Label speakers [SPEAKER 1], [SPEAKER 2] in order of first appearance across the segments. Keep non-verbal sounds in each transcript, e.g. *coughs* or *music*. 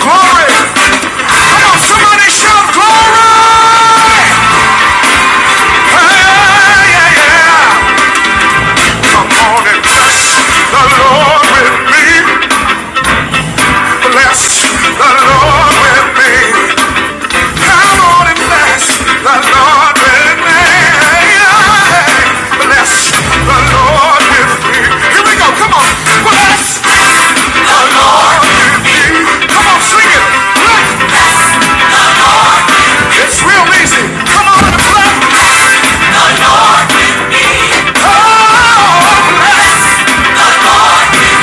[SPEAKER 1] Glory! Come on, somebody shout glory! Hey, yeah, yeah. Come on and bless the Lord with me. Bless the Lord with me. Come on and bless the Lord with me. Yeah. Bless the Lord with me. Here we go. Come on. Bless you. Come on, sing it. It's real easy. Come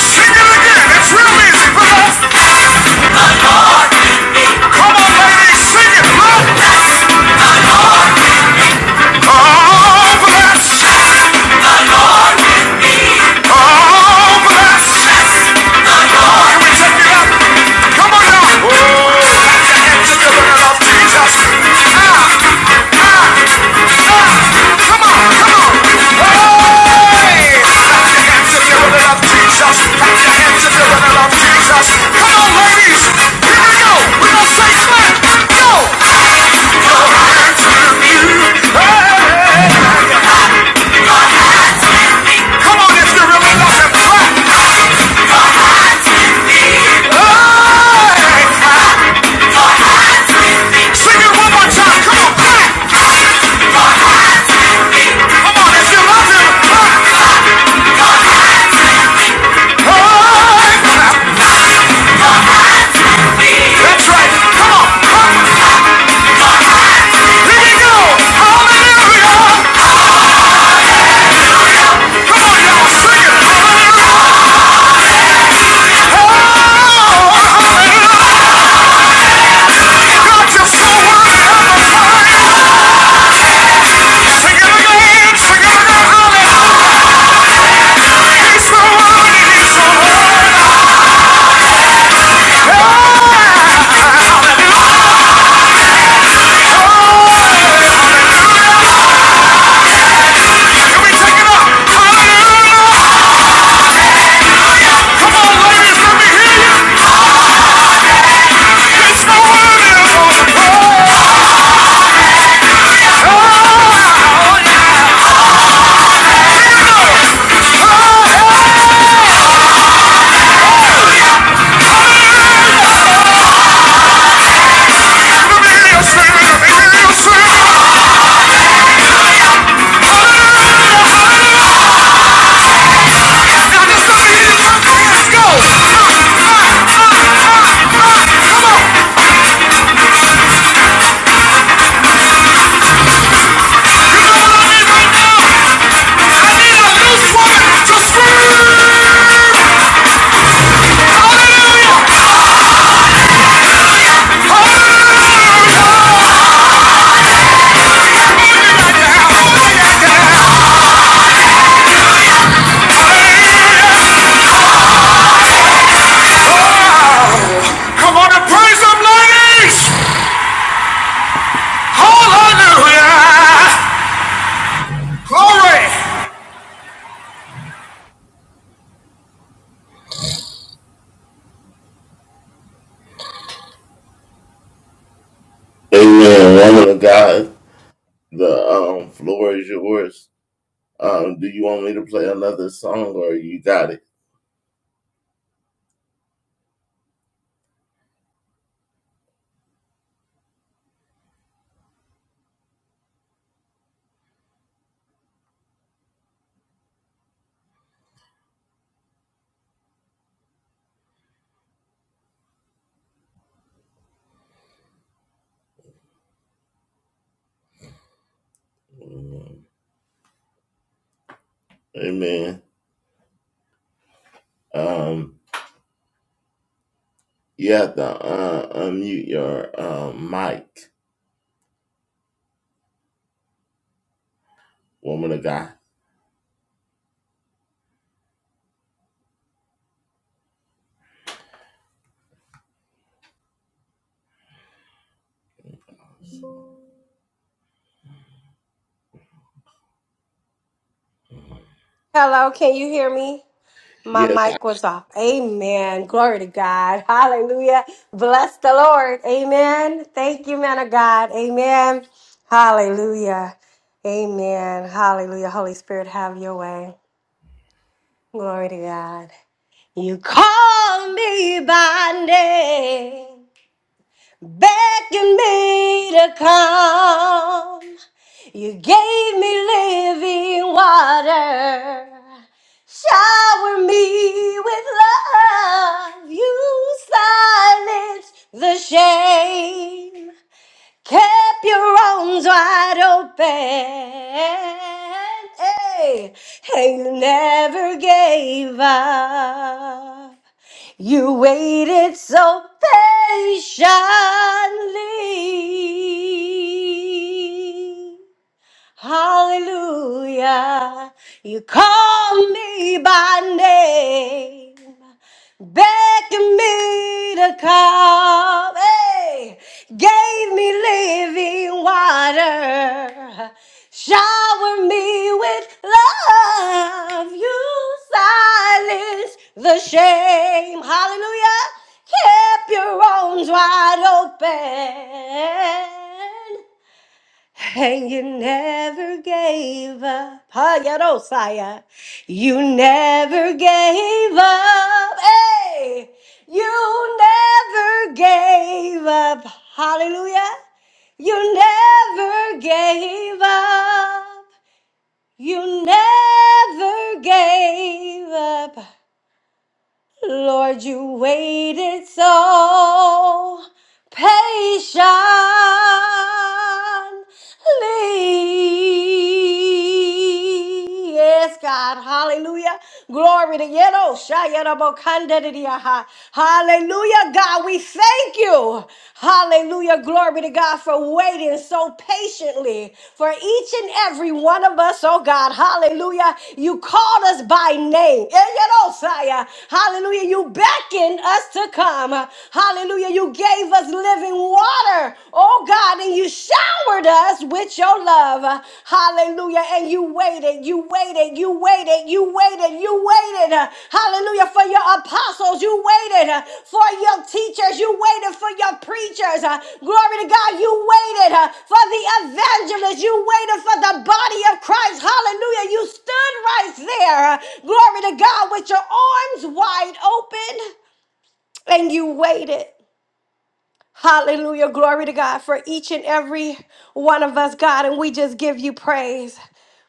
[SPEAKER 1] sing it again. It's real easy. Bless Come on, ladies, sing it. Look. Oh, bless. Oh, bless. Can we take it up? Come on now. Oh, clap your hands if you looking up Jesus. Ah, ah, come on, come on. Hey, clap your hands if you looking up Jesus. Clap your hands if you looking up Jesus. Come on, ladies. Here we go. We're gonna say clap. Go. Hey, come on if you really love him. Clap. Hey. Sing it one more time. Come on, clap. Come on, if you love him, clap. That's right. Come on. Clap. Here you go. Hallelujah. Come on, y'all. Sing it. Oh, God, you're so worthy of the praise. Sing it again. Sing it again. Hallelujah. He's so worthy. He's so worthy. Oh, can we take it up? Hallelujah. Come on, ladies. Let me hear you. He's so worthy of all the praise. Let me hear you sing. Let me hear you sing. Ah, ah, Come on and praise him, ladies. Hallelujah. Glory.
[SPEAKER 2] Hello, can you hear me? My mic was off. Amen. Glory to God. *laughs* Hallelujah. Bless the Lord. Amen. Thank you, man of God. Amen. Hallelujah. Amen. Hallelujah. Holy Spirit, have your way. Glory to God. You call me by name. Begging me to come. You gave me living water. Shower me with love. You silenced the shame. Kept your arms wide open. Hey, and you never gave up. You waited so patiently. Hallelujah. You call me by name. Beckon me to come. Hey, gave me living water. Shower me with love. You silence the shame. Hallelujah. Keep your arms wide open. And you never gave up. Hayarosaya. You never gave up. Hey, you never gave up. Hallelujah. You never gave up. You never gave up. Lord, you waited so patiently. Yes, God. Hallelujah. Glory to Yedo. Shayarabokandadidiaha. Hallelujah, God. We thank you. Hallelujah. Glory. Glory to God for waiting so patiently for each and every one of us, oh God. Hallelujah. You called us by name. Elelosaya. Hallelujah. You beckoned us to come. Hallelujah. You gave us living water, oh God, and you showered us with your love. Hallelujah. And you waited. You waited, you waited, you waited, you waited. uh, Hallelujah. For your apostles, you waited. uh, For your teachers, you waited. For your preachers, uh, glory to God, you waited. uh, For the evangelists, you waited. For the body of Christ, hallelujah. You stood right there, uh, glory to God, with your arms wide open and you waited. Hallelujah. Glory to God for each and every one of us, God. And we just give you praise.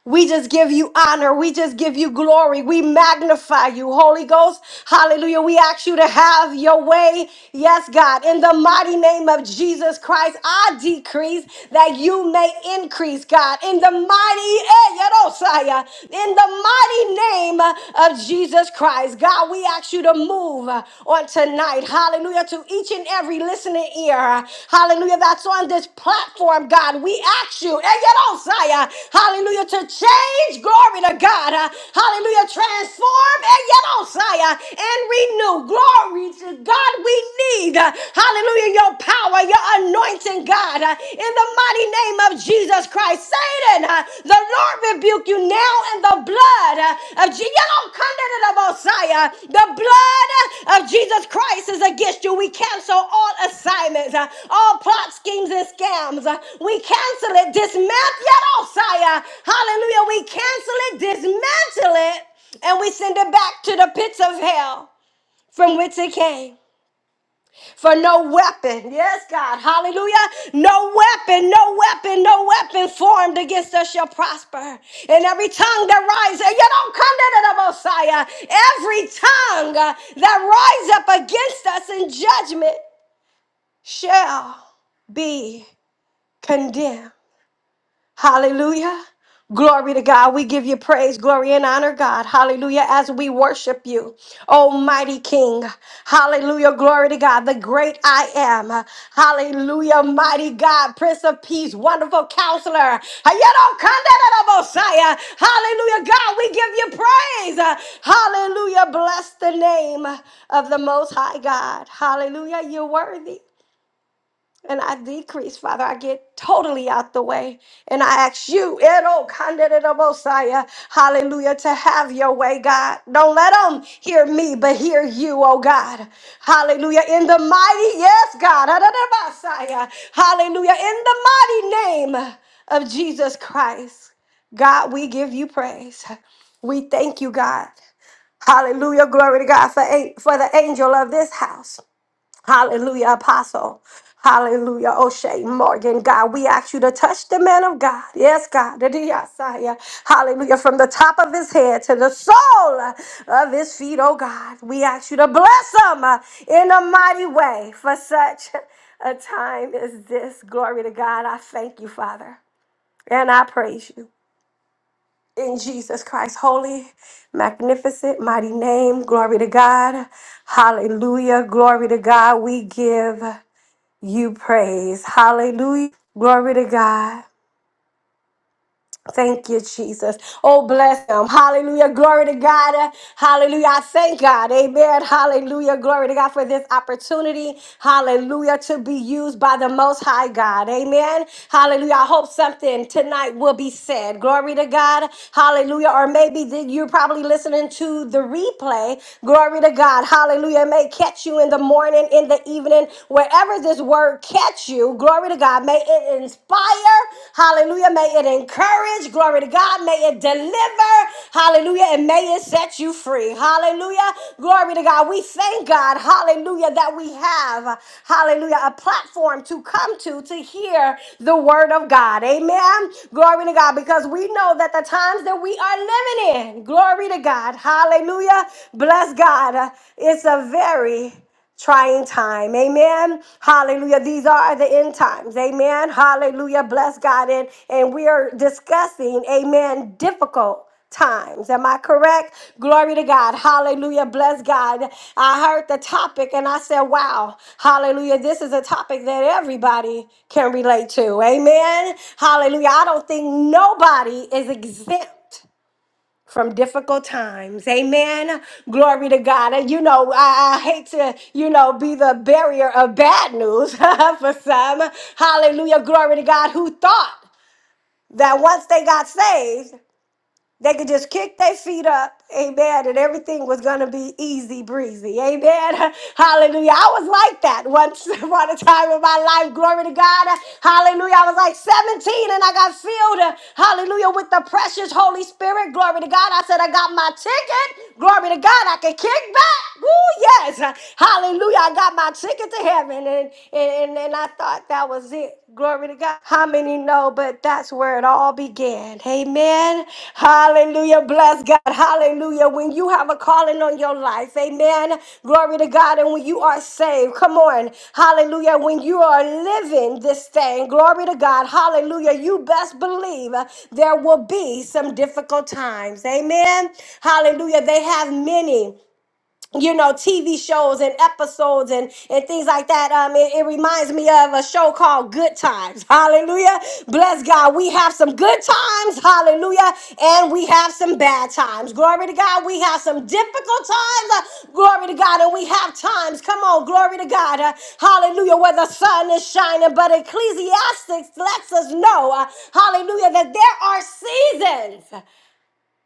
[SPEAKER 2] We just give you honor. We just give you glory. We magnify you, Holy Ghost. Hallelujah. We ask you to have your way. Yes, God. In the mighty name of Jesus Christ, I decrease that you may increase, God. In the mighty, eh, Yerosaya. in the mighty name of Jesus Christ, God, we ask you to move on tonight tonight. Hallelujah. To each and every listening ear. Hallelujah. That's on this platform, God. We ask you, and you don't say, uh, hallelujah, to change glory to God. uh, Hallelujah. Transform, and you don't say, uh, and renew. Glory to God. We need, uh, hallelujah, your power, your anointing, God, uh, in the mighty name of Jesus Christ. Satan, uh, the Lord rebuke you now in the blood uh, of Jesus. You don't the Messiah. The blood uh, of Jesus Christ is against you. We cancel all assignments, uh, all plot schemes and scams. Uh, We cancel it, dismantle it, Messiah. Hallelujah. We cancel it, dismantle it, and we send it back to the pits of hell from which it came. For no weapon, yes, God, hallelujah. No weapon, no weapon, no weapon formed against us shall prosper. And every tongue that rises, you don't come to the Messiah. Every tongue uh, that rises up against us in judgment shall be condemned. Hallelujah. Glory to God. We give you praise, glory, and honor, God. Hallelujah. As we worship you, Almighty King. Hallelujah. Glory to God, the great I am. Hallelujah. Mighty God, Prince of Peace, wonderful counselor. Ayero-kanda-da-da-bosaya. Hallelujah. God, we give you praise. Hallelujah. Bless the name of the Most High God. Hallelujah. You're worthy and I decrease, Father. I get totally out the way. And I ask you, Edo Kandida Mosiah, hallelujah, to have your way, God. Don't let them hear me, but hear you, oh God. Hallelujah. In the mighty, yes, God. Adada Messiah. Hallelujah. In the mighty name of Jesus Christ. God, we give you praise. We thank you, God. Hallelujah. Glory to God for, an- for the angel of this house. Hallelujah, Apostle. Hallelujah, O'Shea Morgan, God. We ask you to touch the man of God. Yes, God. Adiyasaya. Hallelujah. From the top of his head to the sole of his feet, oh God. We ask you to bless him uh, in a mighty way for such a time as this. Glory to God. I thank you, Father, and I praise you. In Jesus Christ's holy, magnificent, mighty name, glory to God. Hallelujah. Glory to God. We give you praise. Hallelujah. Glory to God. Thank you, Jesus. Oh, bless him. Hallelujah. Glory to God. Hallelujah. I thank God. Amen. Hallelujah. Glory to God for this opportunity. Hallelujah. To be used by the Most High God. Amen. Hallelujah. I hope something tonight will be said. Glory to God. Hallelujah. Or maybe that you're probably listening to the replay. Glory to God. Hallelujah. It may catch you in the morning, in the evening, wherever this word catch you. Glory Glory to God. May it inspire. Hallelujah. May it encourage. Glory to God. May it deliver. Hallelujah. And may it set you free. Hallelujah. Glory to God. We thank God. Hallelujah. That we have, hallelujah, a platform to come to to hear the word of God. Amen. Glory to God. Because we know that the times that we are living in, glory to God. Hallelujah. Bless God. It's a very trying time. Amen. Hallelujah. These are the end times. Amen. Hallelujah. Bless God. And, and we are discussing, amen, difficult times. Am I correct? Glory to God. Hallelujah. Bless God. I heard the topic and I said, wow. Hallelujah. This is a topic that everybody can relate to. Amen. Hallelujah. I don't think nobody is exempt from difficult times. Amen. Glory to God. And you know, I, I hate to, you know, be the barrier of bad news *laughs* for some. Hallelujah. Glory to God who thought that once they got saved, they could just kick their feet up, amen, and everything was gonna be easy breezy, amen. *laughs* Hallelujah. I was like that once *laughs* upon a time in my life. Glory to God. Hallelujah. I was like 17 and I got filled, uh, hallelujah, with the precious Holy Spirit. Glory to God. I said, I got my ticket. Glory to God. I can kick back. Woo, yes. Hallelujah. I got my ticket to heaven. And, and, and, I thought, that was it. Glory to God. How many know? But that's where it all began. Amen. Hallelujah. Bless God. Hallelujah. When you have a calling on your life, amen. Glory to God. And when you are saved, come on. Hallelujah. When you are living this thing, glory to God. Hallelujah. You best believe uh, there will be some difficult times. Amen. Hallelujah. They have many you know, TV shows and episodes and, and things like that. Um, it, it reminds me of a show called Good Times. *laughs* Hallelujah. Bless God. We have some good times. Hallelujah. And we have some bad times. Glory to God. We have some difficult times. Uh, Glory to God. And we have times. Come on. Glory to God. Uh, hallelujah. Where the sun is shining. But Ecclesiastics lets us know, uh, hallelujah, that there are seasons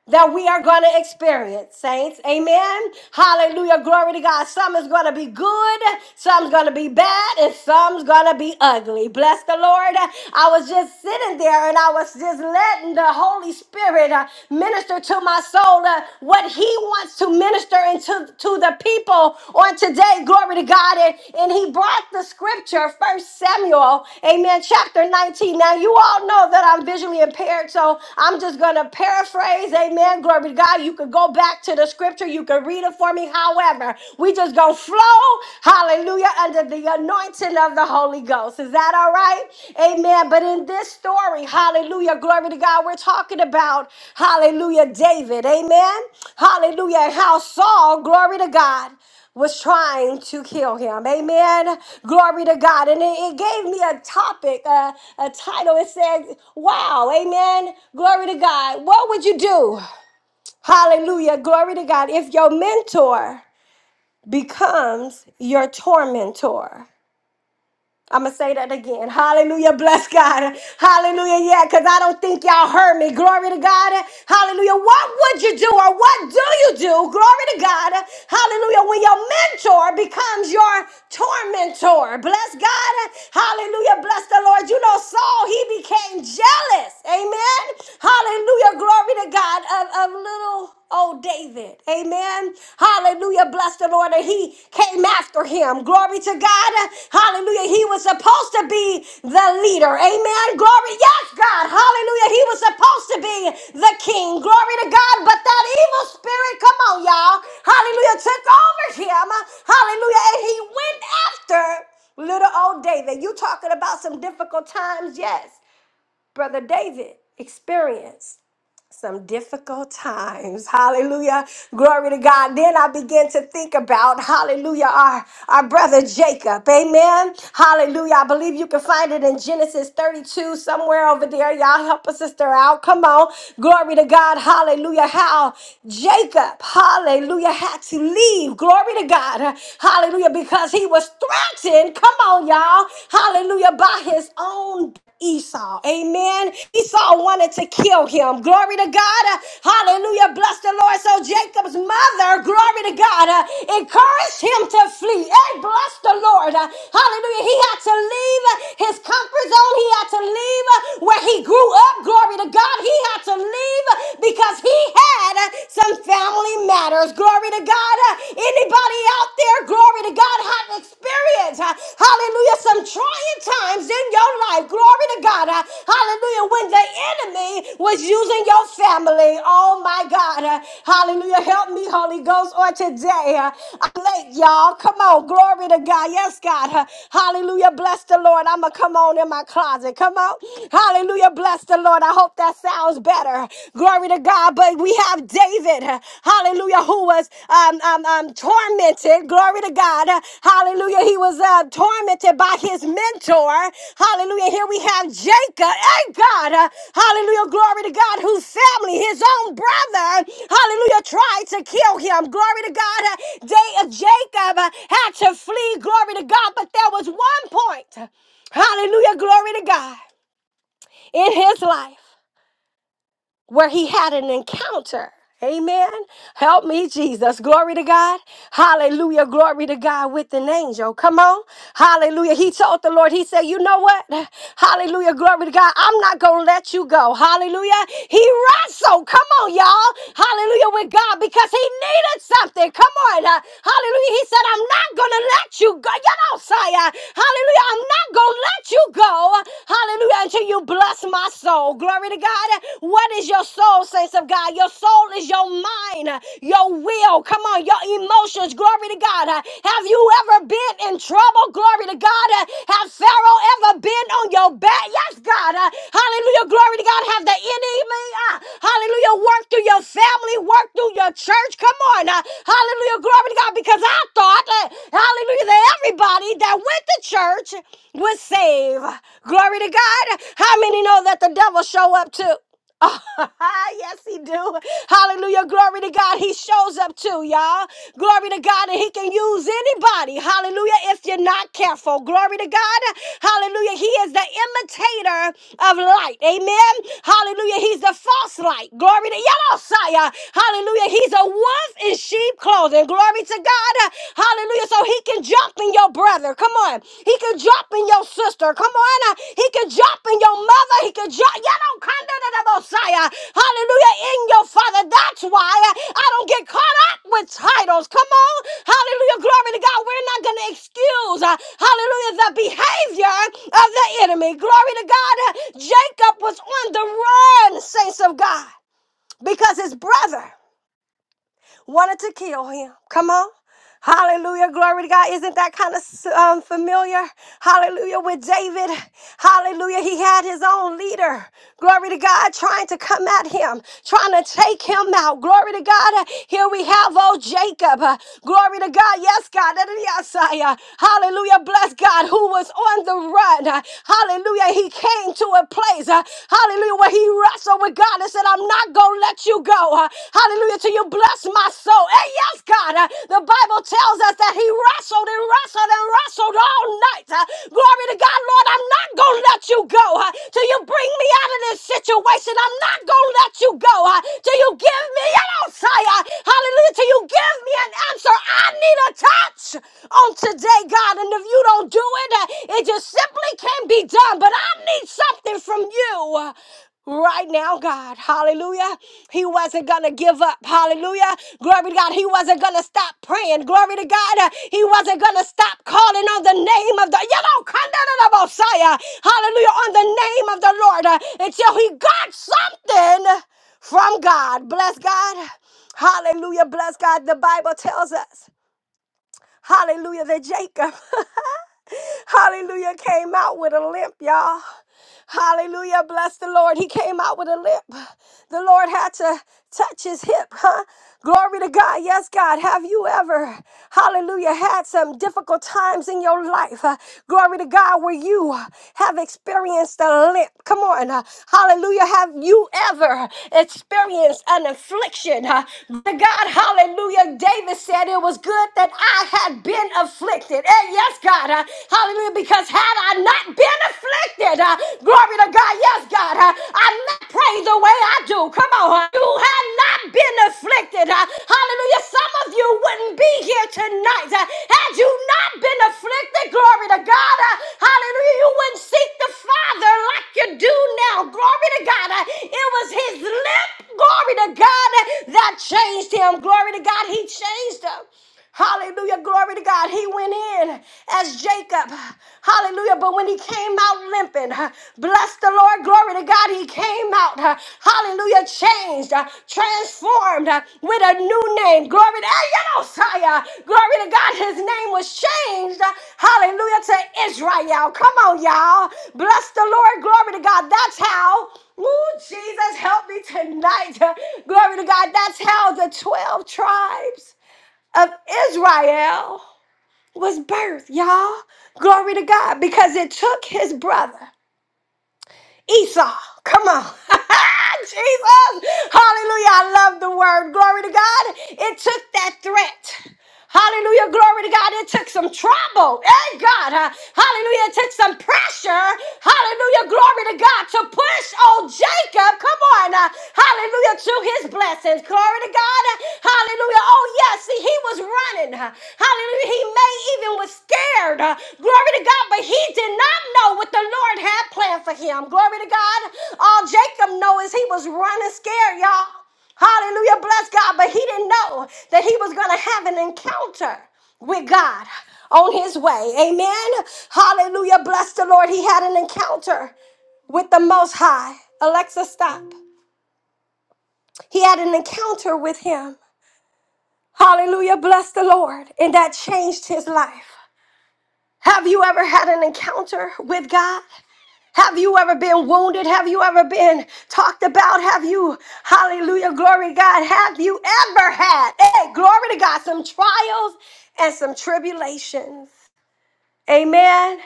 [SPEAKER 2] that we are going to experience, saints. Amen. Hallelujah. Glory to God. Some is going to be good, some's going to be bad, and some's going to be ugly. Bless the Lord. I was just sitting there and I was just letting the Holy Spirit uh, minister to my soul uh, what He wants to minister into to the people on today. Glory to God. And, and He brought the scripture, First Samuel, amen, chapter 19. Now, you all know that I'm visually impaired, so I'm just going to paraphrase. Amen. Amen. Glory to God. You could go back to the scripture. You could read it for me. However, we just gonna flow, hallelujah, under the anointing of the Holy Ghost. Is that all right? Amen. But in this story, hallelujah, glory to God, we're talking about, hallelujah, David. Amen. Hallelujah. And how Saul, glory to God, was trying to kill him. Amen. Glory to God. And it, it gave me a topic, uh, a title. It said, Wow, amen. Glory to God. What would you do? Hallelujah. Glory to God. If your mentor becomes your tormentor. I'm going to say that again. Hallelujah. Bless God. Hallelujah. Yeah, because I don't think y'all heard me. Glory to God. Hallelujah. What would you do or what do you do? Glory to God. Hallelujah. When your mentor becomes your tormentor. Bless God. Hallelujah. Bless the Lord. You know, Saul, he became jealous. Amen. Hallelujah. Glory to God of, of little old David. Amen. Hallelujah. Bless the Lord. And he came after him. Glory to God. Hallelujah. He was supposed to be the leader. Amen. Glory. Yes, God. Hallelujah. He was supposed to be the king. Glory to God. But that evil spirit, come on, y'all. Hallelujah. Took over him. Hallelujah. And he went after little old David. You talking about some difficult times? Yes. Brother David experienced some difficult times. Hallelujah. Glory to God. Then I began to think about, hallelujah, our, our brother Jacob. Amen. Hallelujah. I believe you can find it in Genesis 32, somewhere over there. Y'all help a sister out. Come on. Glory to God. Hallelujah. How Jacob, hallelujah, had to leave. Glory to God. Hallelujah. Because he was threatened. Come on, y'all. Hallelujah. By his own Esau. Amen. Esau wanted to kill him. Glory to God. Uh, Hallelujah. Bless the Lord. So Jacob's mother, glory to God, uh, encouraged him to flee. Hey, bless the Lord. Uh, Hallelujah. He had to leave uh, his comfort zone. He had to leave uh, where he grew up. Glory to God. He had to leave uh, because he had uh, some family matters. Glory to God. Uh, Anybody out there? there, glory to God, have experience, uh, hallelujah, some trying times in your life, glory to God, uh, hallelujah, when the enemy was using your family, oh my God, uh, hallelujah, help me, Holy Ghost, on today, uh, I'm late, y'all, come on, glory to God, yes, God, uh, hallelujah, bless the Lord, I'm gonna come on in my closet, come on, hallelujah, bless the Lord, I hope that sounds better, Glory to God. But we have David, uh, hallelujah, who was um, um, um, tormented. Glory to God. Uh, Hallelujah. He was uh, tormented by his mentor. Hallelujah. Here we have Jacob. Hey, God. uh, Hallelujah. Glory to God, whose family, his own brother, hallelujah, tried to kill him. Glory to God. Uh, Day of Jacob uh, had to flee. Glory to God. But there was one point. Hallelujah. Glory to God in his life where he had an encounter. Amen. Help me, Jesus. Glory to God. Hallelujah. Glory to God with an angel. Come on. Hallelujah. He told the Lord, He said, You know what? Hallelujah. Glory to God. I'm not going to let you go. Hallelujah. He wrestled. Come on, y'all. Hallelujah with God because he needed something. Come on. Uh, hallelujah. He said, I'm not going to let you go. You know, Saya. Hallelujah. I'm not going to let you go. Hallelujah. Until you bless my soul. Glory to God. What is your soul, saints of God? Your soul is your mind, uh, your will. Come on, your emotions. Glory to God. Uh, Have you ever been in trouble? Glory to God. Uh, Have Pharaoh ever been on your back? Yes, God. Uh, Hallelujah. Glory to God. Have the enemy, uh, hallelujah, work through your family, work through your church. Come on. uh, Hallelujah. Glory to God. Because I thought, uh, hallelujah, that everybody that went to church was saved. Glory to God. How many know that the devil show up too? Oh, *laughs* yes, he do. Hallelujah. Glory to God. He shows up too, y'all. Glory to God. And he can use anybody. Hallelujah. If you're not careful. Glory to God. Hallelujah. He is the imitator of light. Amen. Hallelujah. He's the false light. Glory to Yadosaya. Hallelujah. He's a wolf in sheep clothing. Glory to God. Hallelujah. So he can jump in in your brother. Come on. He could drop in your sister. Come on. Uh, He could drop in your mother. He could drop. You don't come to the Messiah. Hallelujah. In your father. That's why uh, I don't get caught up with titles. Come on. Hallelujah. Glory to God. We're not going to excuse. uh, Hallelujah. The behavior of the enemy. Glory to God. Uh, Jacob was on the run, saints of God, because his brother wanted to kill him. Come on. Hallelujah. Glory to God. Isn't that kind of um, familiar? Hallelujah. With David. Hallelujah. He had his own leader. Glory to God. Trying to come at him, trying to take him out. Glory to God. Uh, Here we have old Jacob. Uh, Glory to God. Yes, God. That is- yes, I, uh, Hallelujah. Bless God who was on the run. Uh, Hallelujah. He came to a place. uh, Hallelujah. Where he you wrestled with God and said, I'm not going to let you go. Uh, Hallelujah. Till you bless my soul. And yes, God, uh, the Bible tells us that he wrestled and wrestled and wrestled all night. Uh, Glory to God, Lord, I'm not going to let you go uh, till you bring me out of this situation. I'm not going to let you go uh, till you give me an answer. uh, Hallelujah. Till you give me an answer. I need a touch on today, God. And if you don't do it, uh, it just simply can't be done. But I need something from you right now, God. Hallelujah. He wasn't going to give up. Hallelujah. Glory to God. He wasn't going to stop praying. Glory to God. Uh, He wasn't going to stop calling on the name of the, you know, the Messiah. Hallelujah. On the name of the Lord uh, until he got something from God. Bless God. Hallelujah. Bless God. The Bible tells us. Hallelujah. That Jacob, *laughs* hallelujah, came out with a limp, y'all. Hallelujah. Bless the Lord. He came out with a limp. The Lord had to touch his hip, huh? Glory to God. Yes, God. Have you ever, hallelujah, had some difficult times in your life? Uh, glory to God, where you have experienced a limp. Come on. Uh, hallelujah. Have you ever experienced an affliction? Uh, glory to God, hallelujah. David said it was good that I had been afflicted. Eh, yes, God. Uh, hallelujah. Because because had I not been afflicted, uh, glory to God, yes, God, uh, I'm not praying the way I do. Come on, uh, you had not been afflicted. uh, hallelujah. Some of you wouldn't be here tonight. uh, had you not been afflicted, glory to God, uh, hallelujah, you wouldn't seek the Father like you do now. Glory to God. Uh, it was his lip, glory to God, uh, that changed him. Glory to God, he changed him. Hallelujah. Glory to God. He went in as Jacob. Hallelujah. But when he came out limping, bless the Lord. Glory to God. He came out. uh, Hallelujah. Changed, uh, transformed uh, with a new name. Glory to Hey, yeah, Messiah. Glory to God. His name was changed. uh, Hallelujah to Israel. Come on, y'all. Bless the Lord. Glory to God. That's how. Ooh, Jesus, help me tonight. Glory to God. That's how the 12 tribes of Israel was birthed, y'all. Glory to God, because it took his brother Esau. Come on. *laughs* Jesus. Hallelujah. I love the word. Glory to God. It took that threat. Hallelujah. Glory to God. It took some trouble. Hey, God. huh? Hallelujah. It took some pressure. Hallelujah. Glory to God to push old Jacob. Come on. uh, Hallelujah. To his blessings. Glory to God. Hallelujah. Oh, yes. He was running. huh? Hallelujah. He may even was scared. huh? Glory to God. But he did not know what the Lord had planned for him. Glory to God. All Jacob knows is he was running scared, y'all. Hallelujah. Bless God. But he didn't know that he was going to have an encounter with God on his way. Amen. Hallelujah. Bless the Lord. He had an encounter with the Most High. Alexa, stop. He had an encounter with him. Hallelujah. Bless the Lord. And that changed his life. Have you ever had an encounter with God? Have you ever been wounded? Have you ever been talked about? Have you, hallelujah, glory to God, have you ever had, hey, glory to God, some trials and some tribulations? Amen.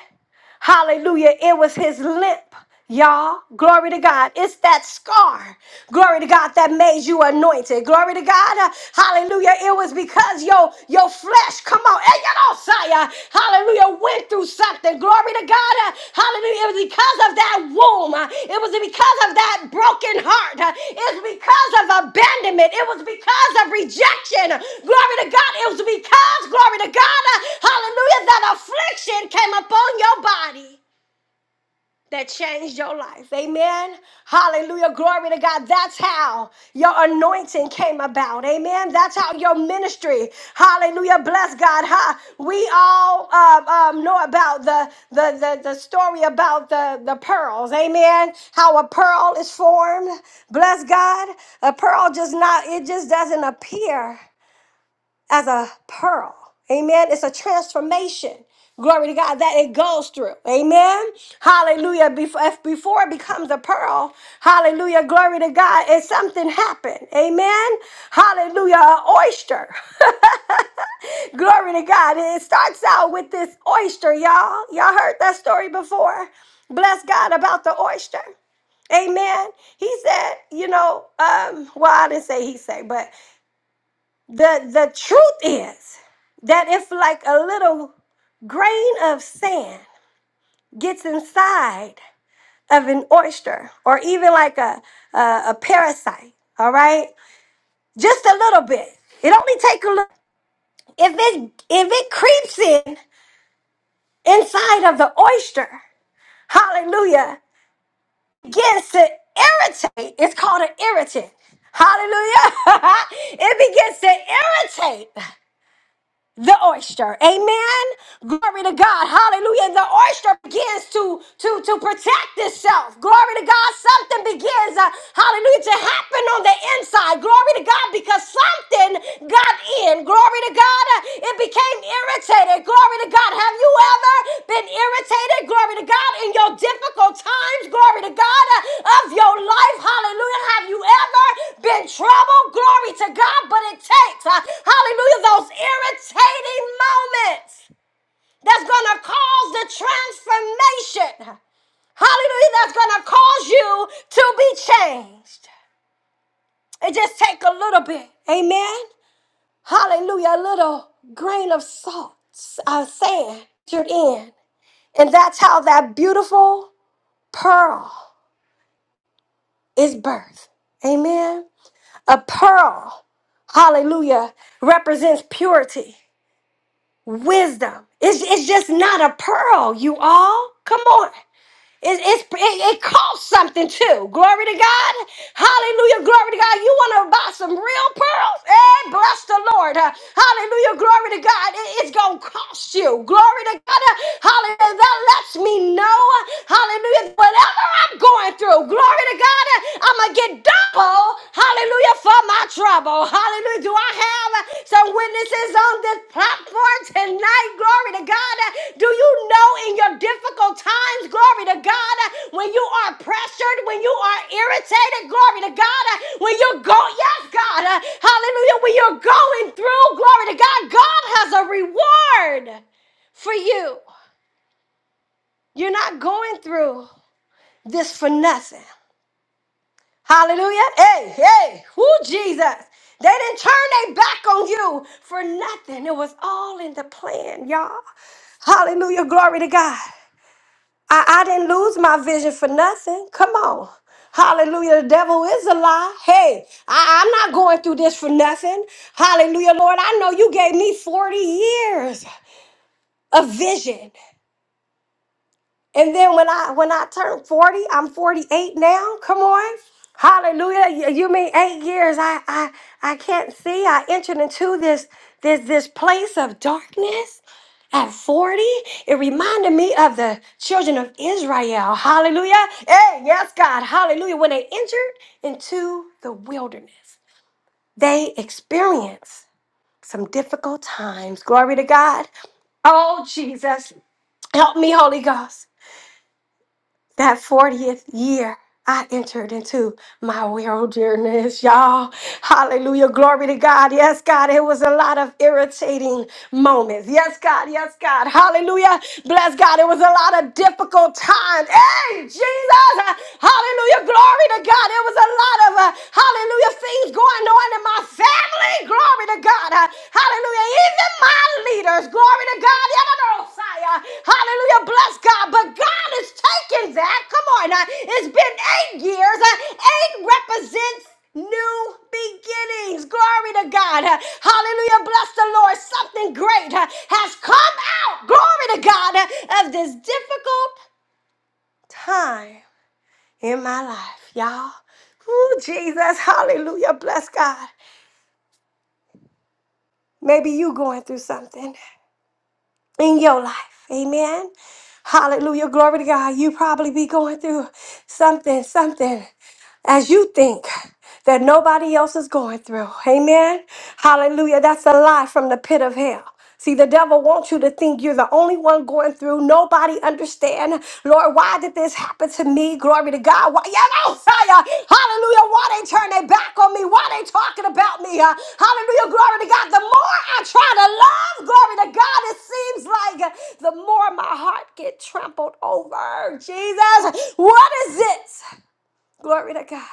[SPEAKER 2] Hallelujah. It was his lip. Y'all, glory to God. It's that scar. Glory to God that made you anointed. Glory to God. Uh, Hallelujah. It was because your your flesh, come on, eh, you know, Sire. hallelujah, went through something. Glory to God. God. Uh, Hallelujah. It was because of that womb. Uh, It was because of that broken heart. Uh, It was because of abandonment. It was because of rejection. Glory to God. It was because, glory to God, uh, hallelujah, that affliction came upon your body that changed your life. Amen. Hallelujah. Glory to God. That's how your anointing came about. Amen. That's how your ministry. Hallelujah. Bless God. Ha. We all uh, um, know about the, the, the, the story about the, the pearls. Amen. How a pearl is formed. Bless God. A pearl just not, it just doesn't appear as a pearl. Amen. It's a transformation. Glory to God that it goes through. Amen. Hallelujah. Before, if before it becomes a pearl, hallelujah. Glory to God. It's something happened. Amen. Hallelujah. An oyster. *laughs* glory to God. It starts out with this oyster, y'all. Y'all heard that story before. Bless God about the oyster. Amen. He said, you know, um, well, I didn't say he said, but the the truth is that if like a little grain of sand gets inside of an oyster or even like a a, a parasite all right just a little bit it only take a look if it if it creeps in inside of the oyster hallelujah begins to irritate it's called an irritant Hallelujah. *laughs* it begins to irritate. the oyster. Amen. Glory to God. Hallelujah. And the oyster begins to, to, to protect itself. Glory to God. Something begins, uh, hallelujah, to happen on the inside. Glory to God because something got in. Glory to God. Uh, It became irritated. Glory to God. Have you ever been irritated? Glory to God. In your difficult times, glory to God, uh, of your life. Hallelujah. Have you ever been troubled? Glory to God. But it takes, uh, hallelujah, those irritating moments that's going to cause the transformation. Hallelujah. That's going to cause you to be changed. It just take a little bit. Amen hallelujah, a little grain of salt, uh, sand, entered in. And that's how that beautiful pearl is birthed. Amen. A pearl, hallelujah, represents purity, wisdom. It's, it's just not a pearl, you all. Come on. It, it's, it, it costs something too. Glory to God. Hallelujah. Glory to God. You want to buy some real pearls? Hey, bless the Lord. Uh, hallelujah. Glory to God. It- it's going to cost you. Glory to God. Uh, hallelujah. That lets me know. uh, Hallelujah. Whatever I'm going through, glory to God. I'm going to get double. Hallelujah. For my trouble. Hallelujah. Do I have uh, some witnesses on this platform tonight? Glory to God. Uh, Do you know in your difficult times, glory to God, uh, when you are pressured, when you are irritated, glory to God, uh, when you go, yes, God, uh, hallelujah, when you're going through, glory to God, God has a reward for you. You're not going through this for nothing. Hallelujah. Hey, hey, who Jesus? They didn't turn their back on you for nothing. It was all in the plan, y'all. Hallelujah. Glory to God. I, I didn't lose my vision for nothing. Come on. Hallelujah. The devil is a lie. Hey, I, I'm not going through this for nothing. Hallelujah, Lord. I know you gave me 40 years of vision. And then when I when I turned 40, I'm 48 now. Come on. Hallelujah. You, you mean eight years. I I I can't see. I entered into this this this place of darkness at 40. It reminded me of the children of Israel. Hallelujah. Hey, yes, God. Hallelujah. When they entered into the wilderness, they experienced some difficult times. Glory to God. Oh Jesus. Help me, Holy Ghost. that 40th year I entered into my wilderness, y'all. Hallelujah. Glory to God. Yes, God. It was a lot of irritating moments. Yes, God. Yes, God. Hallelujah. Bless God. It was a lot of difficult times. Hey, Jesus. Hallelujah. Glory to God. It was a lot of, uh, hallelujah, things going on in my family. Glory to God. Hallelujah. Even my leaders. Glory to God. Yadarosaya. Hallelujah. Bless God. But God is taking that. Come on. uh, It's been eight years. Uh, Eight represents new beginnings. Glory to God. Uh, Hallelujah. Bless the Lord. Something great uh, has come out. Glory to God uh, of this difficult time in my life, y'all. Ooh, Jesus. Hallelujah. Bless God. Maybe you going through something. in your life. Amen. Hallelujah. Glory to God. You probably be going through something, something as you think that nobody else is going through. Amen. Hallelujah. That's a lie from the pit of hell. See, the devil wants you to think you're the only one going through. Nobody understand. Lord, why did this happen to me? Glory to God. Why, you know, fire. Hallelujah. Why they turn their back on me? Why they talking about me? Uh, hallelujah. Glory to God. The more I try to love, glory to God, it seems like uh, the more my heart get trampled over. Jesus, what is it? Glory to God.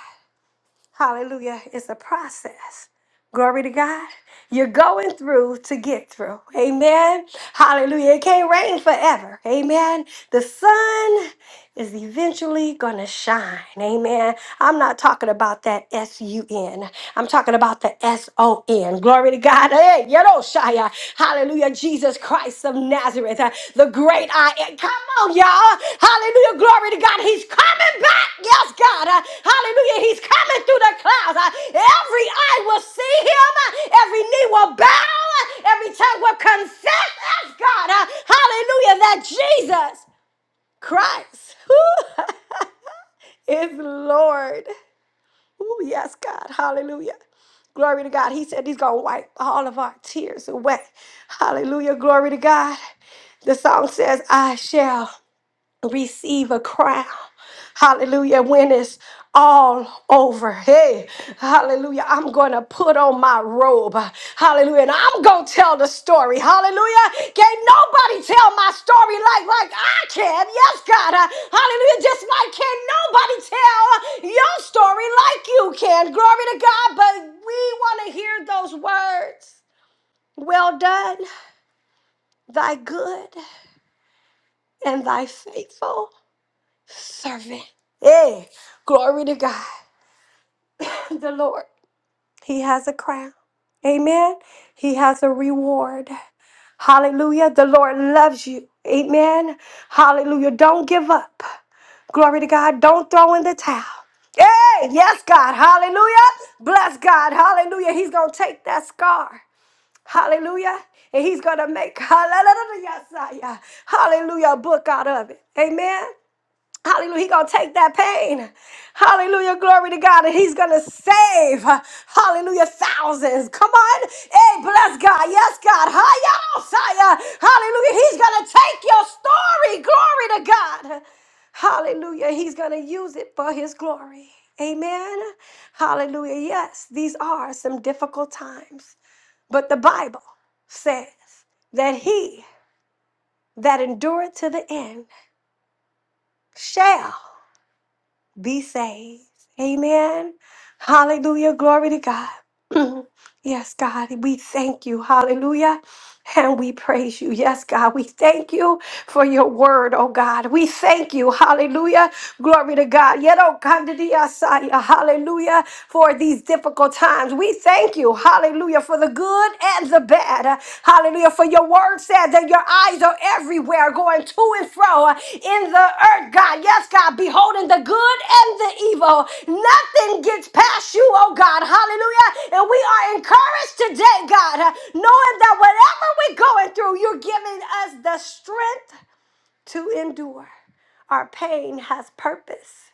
[SPEAKER 2] Hallelujah. It's a process. Glory to God. You're going through to get through. Amen. Hallelujah. It can't rain forever. Amen. The sun is eventually going to shine. Amen. I'm not talking about that S U N. I'm talking about the S O N. Glory to God. Hey, you know, Shia. Hallelujah. Jesus Christ of Nazareth, uh, the great I am. Come on, y'all. Hallelujah. Glory to God. He's coming back. Yes, God. Uh, hallelujah. He's coming through the clouds. Uh, every eye will see him. Uh, every knee will bow. Uh, every tongue will confess. Yes, God. Uh, hallelujah. That Jesus Christ *laughs* is Lord. Oh, yes, God. Hallelujah. Glory to God. He said he's going to wipe all of our tears away. Hallelujah. Glory to God. The song says, I shall receive a crown. Hallelujah. When it's all over. Hey, hallelujah. I'm going to put on my robe. Hallelujah. And I'm going to tell the story. Hallelujah. Can't nobody tell my story like, like I can. Yes, God. Uh, Hallelujah. Just like can nobody tell your story like you can. Glory to God. But we want to hear those words. Well done, thy good and thy faithful. servant. Hey, glory to God. *laughs* *coughs* the Lord, He has a crown. Amen. He has a reward. Hallelujah. The Lord loves you. Amen. Hallelujah. Don't give up. Glory to God. Don't throw in the towel. Hey, yes, God. Hallelujah. Bless God. Hallelujah. He's going to take that scar. Hallelujah. And he's going to make *laughs* hallelujah, hallelujah, a book out of it. Amen. Hallelujah. He gonna take that pain. Hallelujah. Glory to God. And he's gonna save. Hallelujah. Thousands. Come on. Hey, bless God. Yes, God. Hiya, Messiah. Hallelujah. He's gonna take your story. Glory to God. Hallelujah. He's gonna use it for his glory. Amen. Hallelujah. Yes, these are some difficult times. But the Bible says that he that endureth to the end shall. be saved. Amen. Hallelujah. Glory to God. *clears throat* yes, God, we thank you. Hallelujah. And we praise you. Yes, God, we thank you for your word, oh God. We thank you. Hallelujah. Glory to God. Yet, oh God, did he aside, Hallelujah. For these difficult times. We thank you. Hallelujah. For the good and the bad. Hallelujah. For your word said that your your eyes are everywhere, going to and fro in the earth, God. Yes, God, beholding the good and the evil. Nothing gets past you, oh God. Hallelujah. And we are encouraged today, God, knowing that whatever we're going through, you're giving us the strength to endure. Our pain has purpose.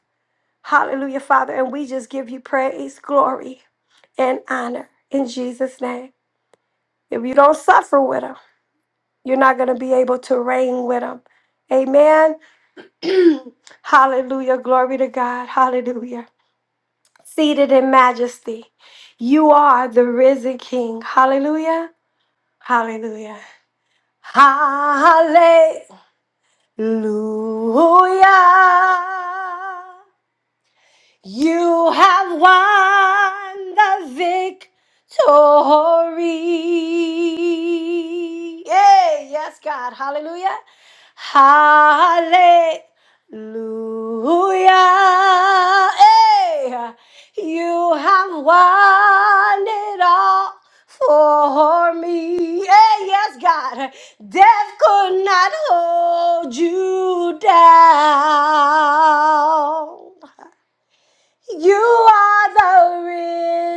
[SPEAKER 2] Hallelujah, Father. And we just give you praise, glory, and honor in Jesus' name. If you don't suffer with them, you're not going to be able to reign with them. Amen. *clears throat* Hallelujah. Glory to God. Hallelujah. Seated in majesty. You are the risen King. Hallelujah. Hallelujah. Hallelujah. You have won the victory. Yay! Yes, God. Hallelujah. Hallelujah. Hey, you have won it all for me. Hey, yes, God. Death could not hold you down. You are the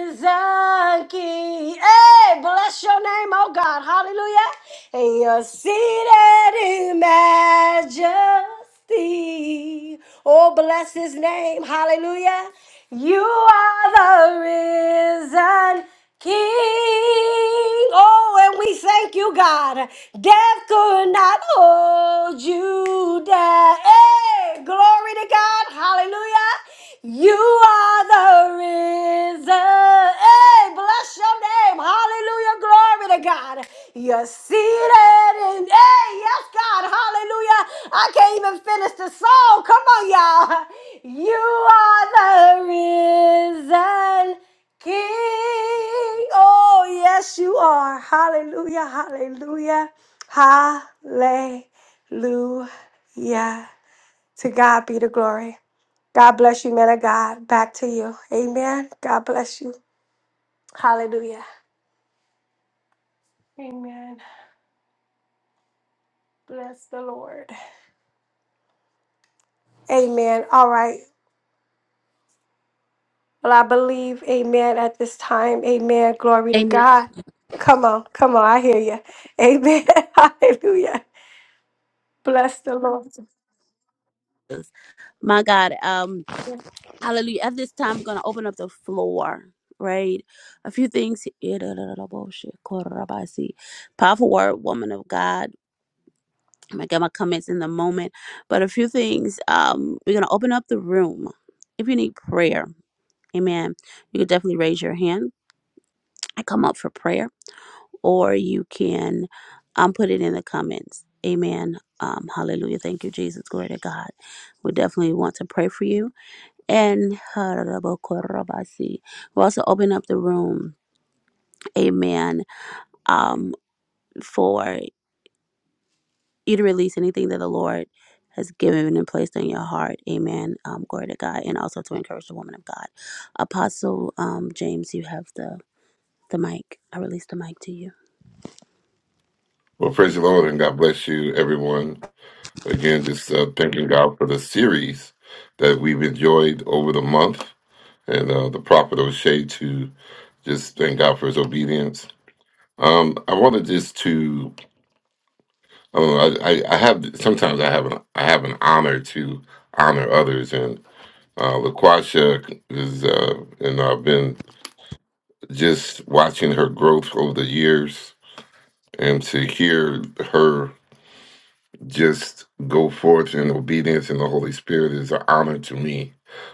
[SPEAKER 2] risen King. Hey, bless your name, oh God. Hallelujah. And you're seated in majesty. Oh, bless his name. Hallelujah. You are the risen King. Oh, and we thank you, God. Death could not hold you down. Hey, glory to God. Hallelujah. You are the risen. Hey, bless your name. Hallelujah. Glory to God. You're seated in. Hey, yes, God. Hallelujah. I can't even finish the song. Come on, y'all. You are the risen. King. Oh, yes, you are. Hallelujah, hallelujah, hallelujah. To God be the glory. God bless you, man of God. Back to you. Amen. God bless you. Hallelujah. Amen. Bless the Lord. Amen. All right. Well, I believe, amen, at this time. Amen. Glory to
[SPEAKER 3] Amy,
[SPEAKER 2] God. Come on. Come on. I hear you. Amen. *laughs* Hallelujah. Bless the Lord.
[SPEAKER 3] my God, um, hallelujah. At this time, I'm going to open up the floor, right? A few things. Powerful word, woman of God. I'm going to get my comments in the moment, but a few things. Um, we're going to open up the room. If you need prayer, amen, you can definitely raise your hand. I come up for prayer, or you can um, put it in the comments. Amen. Um, hallelujah. Thank you, Jesus. Glory to God. We definitely want to pray for you and Harabokorobasi. We'll also open up the room, amen, um, for you to release anything that the Lord has given and placed in your heart, amen. Um, glory to God, and also to encourage the woman of God. Apostle um, James, you have the, the mic. I release the mic to you.
[SPEAKER 4] Well, praise the Lord and God bless you, everyone. Again, just uh, thanking God for the series that we've enjoyed over the month and uh, the prophet O'Shea to just thank God for his obedience. Um, I wanted just to, I, don't know, I, I I have, sometimes I have an, I have an honor to honor others and uh, LaQuasha is, uh, and I've been just watching her growth over the years and to hear her just go forth in obedience in the Holy Spirit is an honor to me.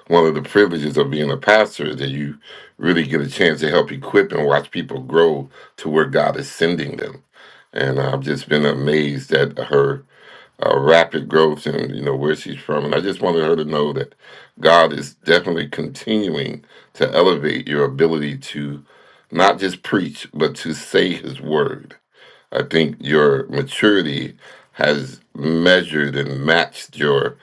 [SPEAKER 4] One of the privileges of being a pastor is that you really get a chance to help equip and watch people grow to where God is sending them. And I've just been amazed at her uh, rapid growth and you know where she's from. And I just wanted her to know that God is definitely continuing to elevate your ability to not just preach but to say His word I think your maturity has measured and matched your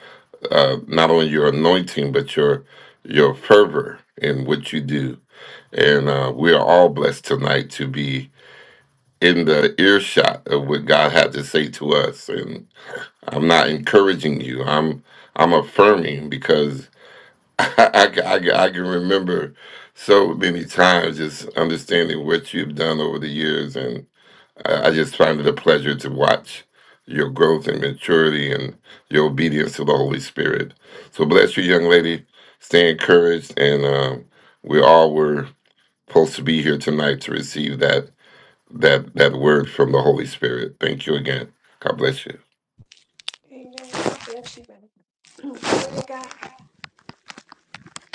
[SPEAKER 4] uh, not only your anointing but your your fervor in what you do. And uh, we are all blessed tonight to be in the earshot of what God had to say to us. And I'm not encouraging you. I'm I'm affirming because *laughs* I, I, I, I can remember so many times just understanding what you've done over the years and. I, I just find it a pleasure to watch your growth and maturity and your obedience to the Holy Spirit. So bless you, young lady. Stay encouraged, and um, we all were supposed to be here tonight to receive that that that word from the Holy Spirit. Thank you again. God bless you.
[SPEAKER 2] Amen. God bless you, baby. *clears throat* Glory to God.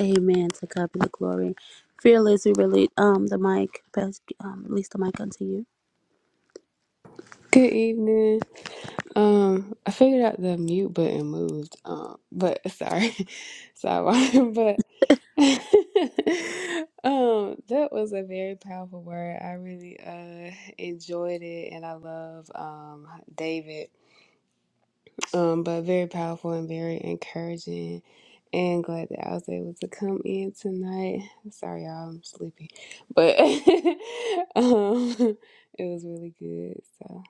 [SPEAKER 3] Amen. To God be the glory. Fearless, we release um, the mic. Best, um, release the mic unto you.
[SPEAKER 5] Good evening. Um, I figured out the mute button moved. Um, but sorry, *laughs* sorry, *laughs* but *laughs* um, that was a very powerful word. I really uh enjoyed it, and I love um David. Um, but very powerful and very encouraging, and glad that I was able to come in tonight. Sorry, y'all, I'm sleepy, but *laughs* um, it was really good. So,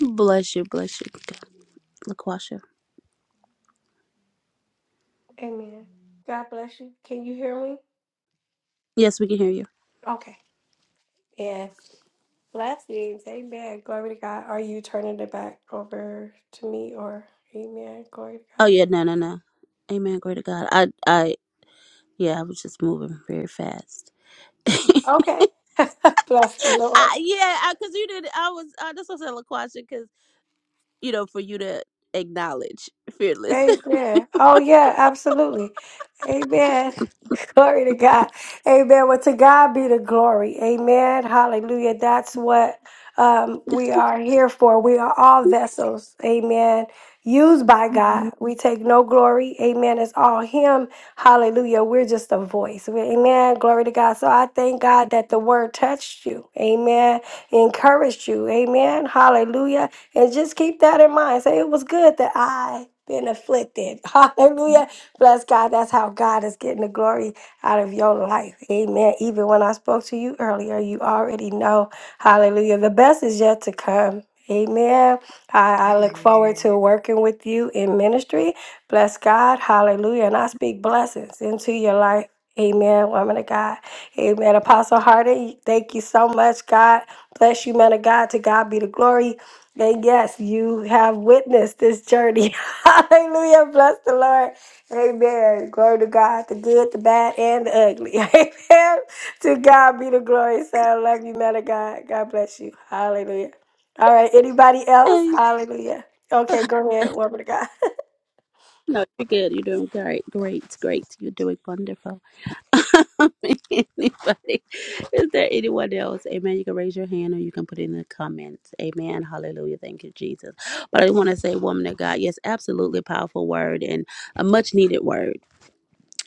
[SPEAKER 3] Bless you, bless you, God. Laquasha.
[SPEAKER 2] Amen. God bless you. Can you hear me?
[SPEAKER 3] Yes, we can hear you.
[SPEAKER 2] Okay. Yes. Blessings. Amen. Glory to God. Are you turning it back over to me or Amen? Glory
[SPEAKER 3] Oh
[SPEAKER 2] to
[SPEAKER 3] yeah, no, no, no. Amen. Glory to God. I, I, yeah, I was just moving very fast. *laughs* I,
[SPEAKER 2] God. Okay. *laughs* bless the Lord.
[SPEAKER 3] yeah, because you did. I was. I just was a question because you know for you to acknowledge fearless. *laughs*
[SPEAKER 2] Amen. Oh, yeah, absolutely. Amen. *laughs* Glory to God. Amen. Well, to God be the glory. Amen. Hallelujah. That's what um, we are here for. We are all vessels. Amen. used by God.
[SPEAKER 3] Mhm.
[SPEAKER 2] We take no glory. Amen. It's all Him. Hallelujah. We're just a voice. Amen. Glory to God. So I thank God that the word touched you. Amen. Encouraged you. Amen. Hallelujah. And just keep that in mind. Say, it was good that I been afflicted. *laughs* Hallelujah. Bless God. That's how God is getting the glory out of your life. Amen. Even when I spoke to you earlier, you already know. Hallelujah. The best is yet to come. Amen. I, I look forward to
[SPEAKER 5] amen.
[SPEAKER 2] working with you in ministry. Bless God. Hallelujah. And I speak blessings into your life. Amen, woman of God. Amen. Apostle Harden, thank you so much. God bless you, man of God. To God be the glory. And yes, you have witnessed this journey. *laughs* Hallelujah. Bless the Lord. Amen. Glory to God, the good, the bad, and the ugly. *laughs* Amen. To God be the glory. So I love you, man of God. God bless you. Hallelujah. All right. Anybody else?
[SPEAKER 3] Hey,
[SPEAKER 2] Hallelujah. Okay, go ahead, woman of God.
[SPEAKER 3] no, you're good. You're doing great. Great, great. You're doing wonderful. *laughs* Anybody? Is there anyone else? Amen. You can raise your hand or you can put it in the comments. Amen. Hallelujah. Thank you, Jesus. But I want to say, woman of God, yes, absolutely powerful word and a much needed word.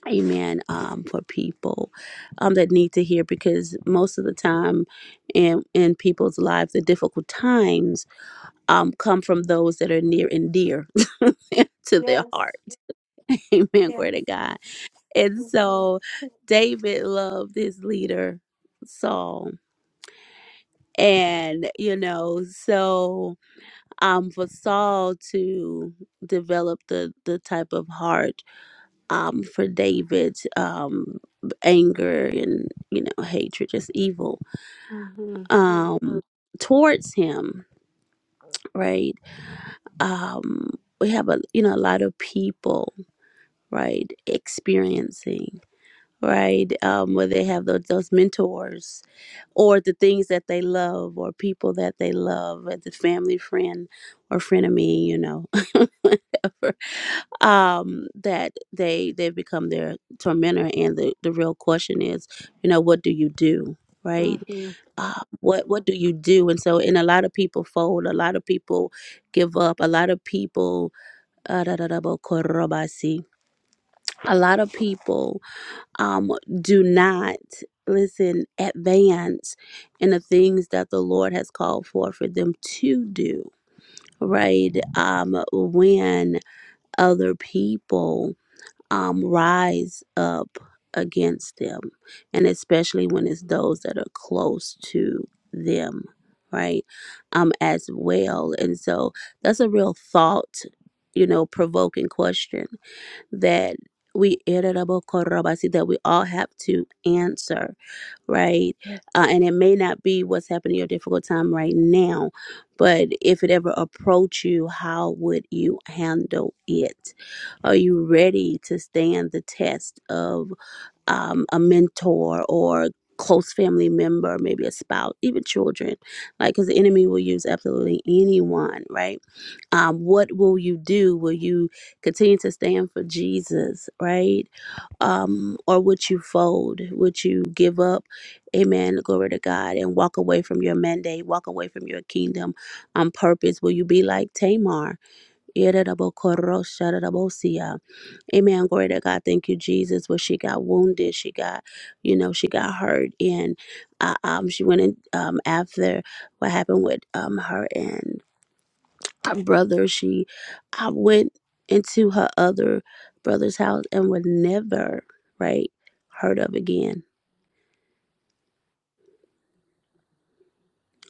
[SPEAKER 3] Amen. Um, for people um that need to hear because most of the time in in people's lives, the difficult times um come from those that are near and dear *laughs* to their
[SPEAKER 2] Yes.
[SPEAKER 3] heart. Amen.
[SPEAKER 2] Yes.
[SPEAKER 3] Glory to God. And so David loved his leader, Saul. And, you know, so um, for Saul to develop the, the type of heart um, for David, um, anger and, you know, hatred, just evil
[SPEAKER 2] Mm-hmm.
[SPEAKER 3] um, towards him, right? Um, we have a, you know, a lot of people, right, experiencing. right? Um, where they have those, those mentors or the things that they love or people that they love, as a family friend or frenemy, you know, *laughs* whatever, um, that they, they become their tormentor. And the, the real question is, you know, what do you do, right?
[SPEAKER 2] Mm-hmm.
[SPEAKER 3] uh, what what do you do? And so, and a lot of people fold, a lot of people give up, a lot of people, a lot of people um, do not listen advance in the things that the lord has called for for them to do right um, when other people um, rise up against them and especially when it's those that are close to them right um as well and so that's a real thought you know provoking question that we irritable-korobasi, that we all have to answer, right? Uh, and it may not be what's happening in your difficult time right now, but if it ever approach you, how would you handle it? Are you ready to stand the test of um, a mentor or close family member, maybe a spouse, even children, like because the enemy will use absolutely anyone, right? Um, what will you do? Will you continue to stand for Jesus, right? Um, or would you fold? Would you give up? Amen. Glory to God and walk away from your mandate, walk away from your kingdom on purpose. Will you be like Tamar? Amen. Glory to God. Thank you, Jesus. Where she got wounded, she got, you know, she got hurt, and uh, um, she went in um, after what happened with um her and her brother she i went into her other brother's house and would never right heard of again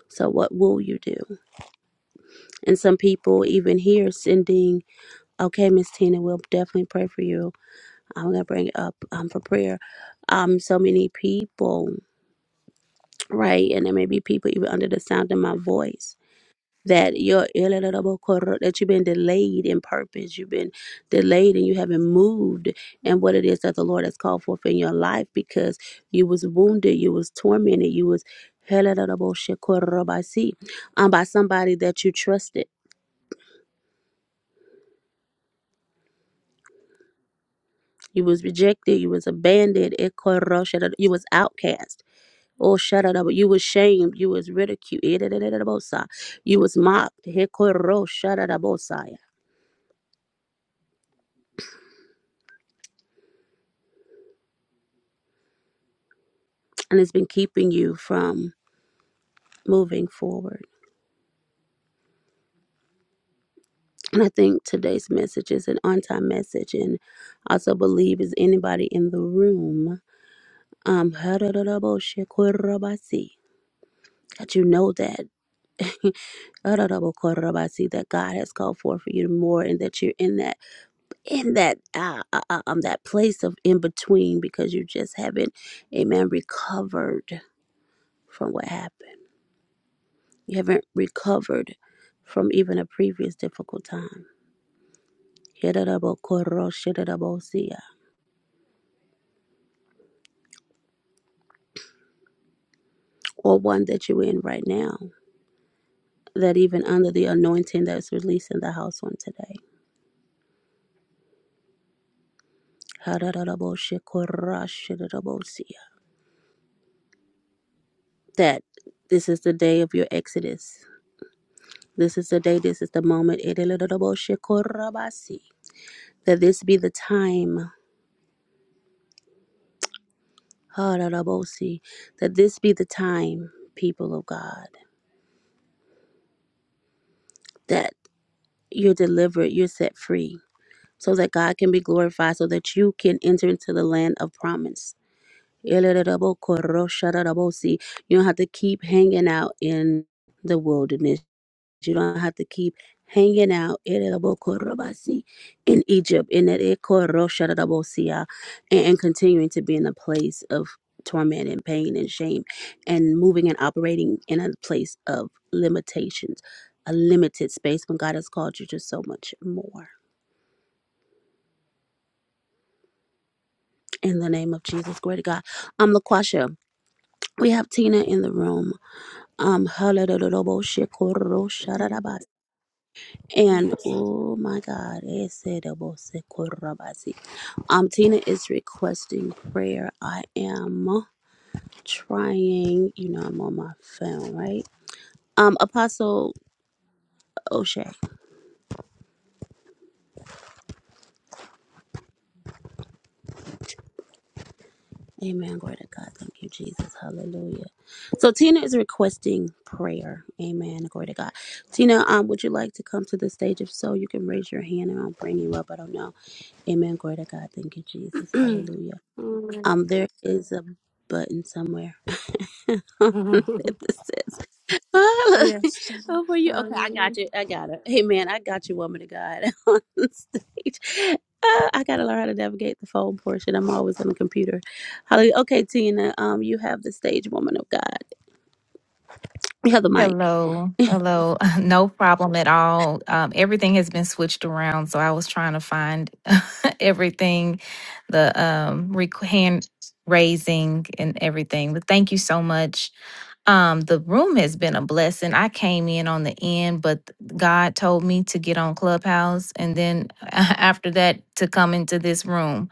[SPEAKER 3] so what will you do and some people even here sending okay miss tina we'll definitely pray for you i'm gonna bring it up um, for prayer um so many people right and there may be people even under the sound of my voice that you're your that you've been delayed in purpose, you've been delayed and you haven't moved and what it is that the Lord has called forth in your life because you was wounded, you was tormented, you was um, by somebody that you trusted. You was rejected, you was abandoned, you was outcast. Oh, shut it up. You was shamed. You was ridiculed. You was mocked. And it's been keeping you from moving forward. And I think today's message is an on time message. And I also believe is anybody in the room um, *laughs* that you know that. *laughs* that God has called for for you more, and that you're in that in that uh, uh, uh, um that place of in between because you just haven't, amen, recovered from what happened. You haven't recovered from even a previous difficult time Yedadabokoroshidabosia, or one that you're in right now, that even under the anointing that's released in the house on today. Hadadadaboshikoroshidabosia, That this is the day of your exodus. This is the day, this is the moment. Edadadaboshikorabasi, That this be the time. Hadadabosi, That this be the time, people of God, that you're delivered, you're set free so that God can be glorified, so that you can enter into the land of promise. You don't have to keep hanging out in the wilderness. You don't have to keep hanging out in Egypt in that and and continuing to be in a place of torment and pain and shame and moving and operating in a place of limitations, a limited space when God has called you to so much more. In the name of Jesus, glory to God. am LaQuasha, we have Tina in the room. Um,
[SPEAKER 2] Mhm.
[SPEAKER 3] and
[SPEAKER 2] Yes.
[SPEAKER 3] oh my God, um, Tina is requesting prayer. I am trying, you know, I'm on my phone, right? Um, Apostle O'Shea. Amen. Glory to God. Thank you, Jesus. Hallelujah. So Tina is requesting prayer. Amen. Glory to God. Tina, um, would you like to come to the stage? If so, you can raise your hand and I'll bring you up. I don't know. Amen. Glory to God. Thank you, Jesus.
[SPEAKER 2] *clears throat*
[SPEAKER 3] Hallelujah.
[SPEAKER 2] Mhm.
[SPEAKER 3] Um, there is a button somewhere. *laughs* that
[SPEAKER 2] *laughs*
[SPEAKER 3] says *laughs*
[SPEAKER 2] yes.
[SPEAKER 3] oh, for you. Okay, I
[SPEAKER 2] Hallelujah.
[SPEAKER 3] got you. I got it. Hey, man, I got you, woman of God, *laughs* on stage. Uh, I gotta learn how to navigate the phone portion. I'm always on the computer. Hallelujah. Okay, Tina, um, you have the stage, woman of God. You have the mic.
[SPEAKER 6] Hello, hello. *laughs* No problem at all. Um, everything has been switched around, so I was trying to find *laughs* everything, the um rec- hand raising and everything. But thank you so much. Um, the room has been a blessing. I came in on the end, but God told me to get on Clubhouse, and then *laughs* after that to come into this room.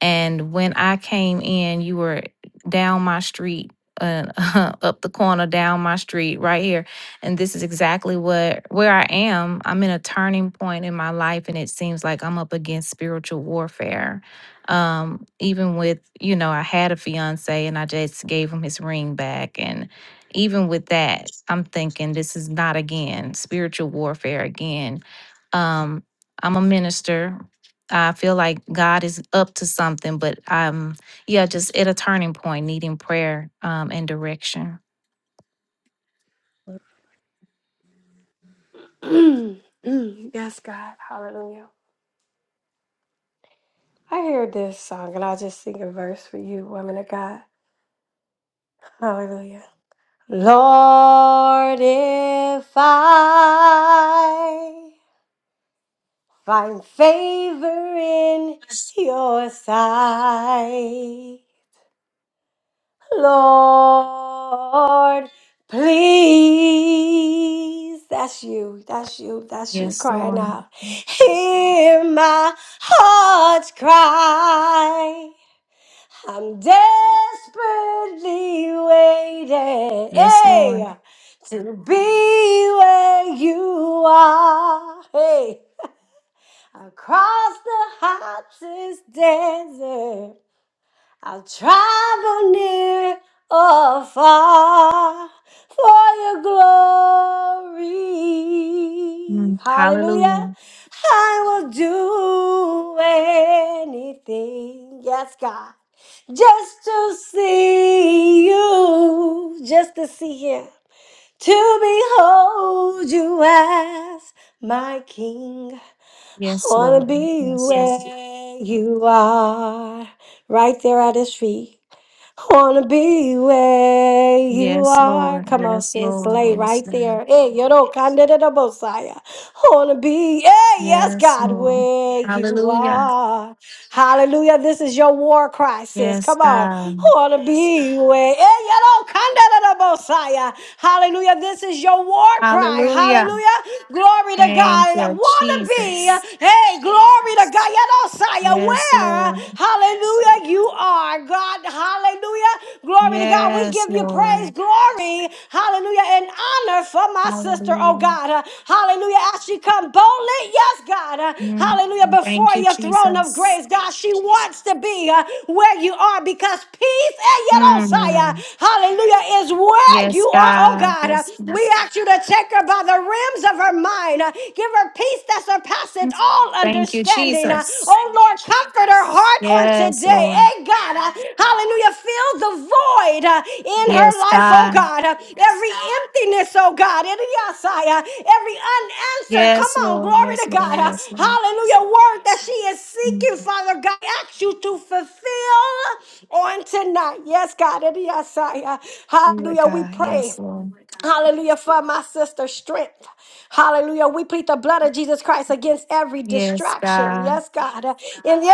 [SPEAKER 6] And when I came in, you were down my street, uh, *laughs* up the corner, down my street, right here. And this is exactly what where I am. I'm in a turning point in my life, and it seems like I'm up against spiritual warfare. Um, even with you know, I had a fiance, and I just gave him his ring back, and even with that, I'm thinking this is not again spiritual warfare again. Um, I'm a minister, I feel like God is up to something, but um, yeah, just at a turning point, needing prayer um and direction.
[SPEAKER 2] *clears throat* yes, God. Hallelujah. I hear this song and I'll just sing a verse for you, woman of God. Hallelujah. Lord, if I Find favor in your sight. Lord, please. That's you, that's you, that's you
[SPEAKER 6] Yes,
[SPEAKER 2] crying
[SPEAKER 6] Lord.
[SPEAKER 2] out. Hear my heart's cry. I'm desperately waiting
[SPEAKER 6] Yes, Lord.
[SPEAKER 2] hey, to be where you are. Hey. Across the hottest desert, I'll travel near or far for your glory.
[SPEAKER 6] Mm,
[SPEAKER 2] Hallelujah.
[SPEAKER 6] Hallelujah.
[SPEAKER 2] I will do anything. Yes, God. Just to see you, just to see him, to behold you as my king. I
[SPEAKER 6] Yes,
[SPEAKER 2] want to
[SPEAKER 6] Lord.
[SPEAKER 2] be
[SPEAKER 6] Yes,
[SPEAKER 2] Yes.
[SPEAKER 6] Lord.
[SPEAKER 2] where you are, right there at his feet. I Wanna be where you
[SPEAKER 6] Yes,
[SPEAKER 2] are.
[SPEAKER 6] Lord.
[SPEAKER 2] Come on,
[SPEAKER 6] Yes,
[SPEAKER 2] sis,
[SPEAKER 6] Lord.
[SPEAKER 2] lay
[SPEAKER 6] Yes,
[SPEAKER 2] right
[SPEAKER 6] Lord.
[SPEAKER 2] there. Hey, you know, candidate of Messiah. Wanna be, hey, yes,
[SPEAKER 6] Yes,
[SPEAKER 2] God,
[SPEAKER 6] Lord.
[SPEAKER 2] where you
[SPEAKER 6] Hallelujah.
[SPEAKER 2] are. Hallelujah. This is your war cry, sis.
[SPEAKER 6] Yes,
[SPEAKER 2] Come on.
[SPEAKER 6] God.
[SPEAKER 2] Wanna be where, hey, you know, candidate of Messiah. Hallelujah. This is your war cry.
[SPEAKER 6] Hallelujah.
[SPEAKER 2] Hallelujah. Glory to
[SPEAKER 6] Thank
[SPEAKER 2] God.
[SPEAKER 6] you,
[SPEAKER 2] Wanna be,
[SPEAKER 6] Jesus.
[SPEAKER 2] hey, glory to God. You know, by
[SPEAKER 6] Yes,
[SPEAKER 2] where,
[SPEAKER 6] Lord.
[SPEAKER 2] hallelujah, you are, God, hallelujah. Glory to God. We
[SPEAKER 6] Yes,
[SPEAKER 2] give you praise,
[SPEAKER 6] Lord.
[SPEAKER 2] glory, hallelujah, and honor for my sister, oh
[SPEAKER 6] Hallelujah.
[SPEAKER 2] God. Uh, Hallelujah. As she come boldly, yes, God, uh,
[SPEAKER 6] Mm,
[SPEAKER 2] hallelujah, before
[SPEAKER 6] thank you,
[SPEAKER 2] your throne of
[SPEAKER 6] Jesus.
[SPEAKER 2] grace, God, she wants to be uh, where you are because peace and yet, Osiah,
[SPEAKER 6] Mm,
[SPEAKER 2] hallelujah, is where
[SPEAKER 6] yes,
[SPEAKER 2] you are, oh
[SPEAKER 6] God.
[SPEAKER 2] God. Uh,
[SPEAKER 6] Yes, God.
[SPEAKER 2] We ask you to take her by the rims of her mind. Uh, Give her peace that surpasses
[SPEAKER 6] Mm,
[SPEAKER 2] all
[SPEAKER 6] thank you,
[SPEAKER 2] understanding. Uh,
[SPEAKER 6] Jesus.
[SPEAKER 2] Oh Lord, comfort her heart on
[SPEAKER 6] Yes,
[SPEAKER 2] today.
[SPEAKER 6] Lord.
[SPEAKER 2] Hey God, uh, hallelujah. Fill the void uh, in her
[SPEAKER 6] Yes,
[SPEAKER 2] life, oh
[SPEAKER 6] God.
[SPEAKER 2] God. Uh, Every emptiness, oh God. in the outside, uh, Every unanswered, come
[SPEAKER 6] Yes,
[SPEAKER 2] on,
[SPEAKER 6] Lord.
[SPEAKER 2] glory
[SPEAKER 6] Yes,
[SPEAKER 2] to
[SPEAKER 6] Lord.
[SPEAKER 2] God. Uh,
[SPEAKER 6] Yes, Lord.
[SPEAKER 2] Hallelujah. Word that she is
[SPEAKER 6] Mm,
[SPEAKER 2] seeking, Father God. I Ask you to fulfill on tonight. Yes, God. in the outside, uh,
[SPEAKER 6] we with
[SPEAKER 2] Hallelujah. We
[SPEAKER 6] God. Yes,
[SPEAKER 2] pray.
[SPEAKER 6] Lord.
[SPEAKER 2] Hallelujah for my sister's strength. Hallelujah. We plead the blood of Jesus Christ against every
[SPEAKER 6] Yes,
[SPEAKER 2] distraction.
[SPEAKER 6] God.
[SPEAKER 2] Yes, God. And yeah, yeah,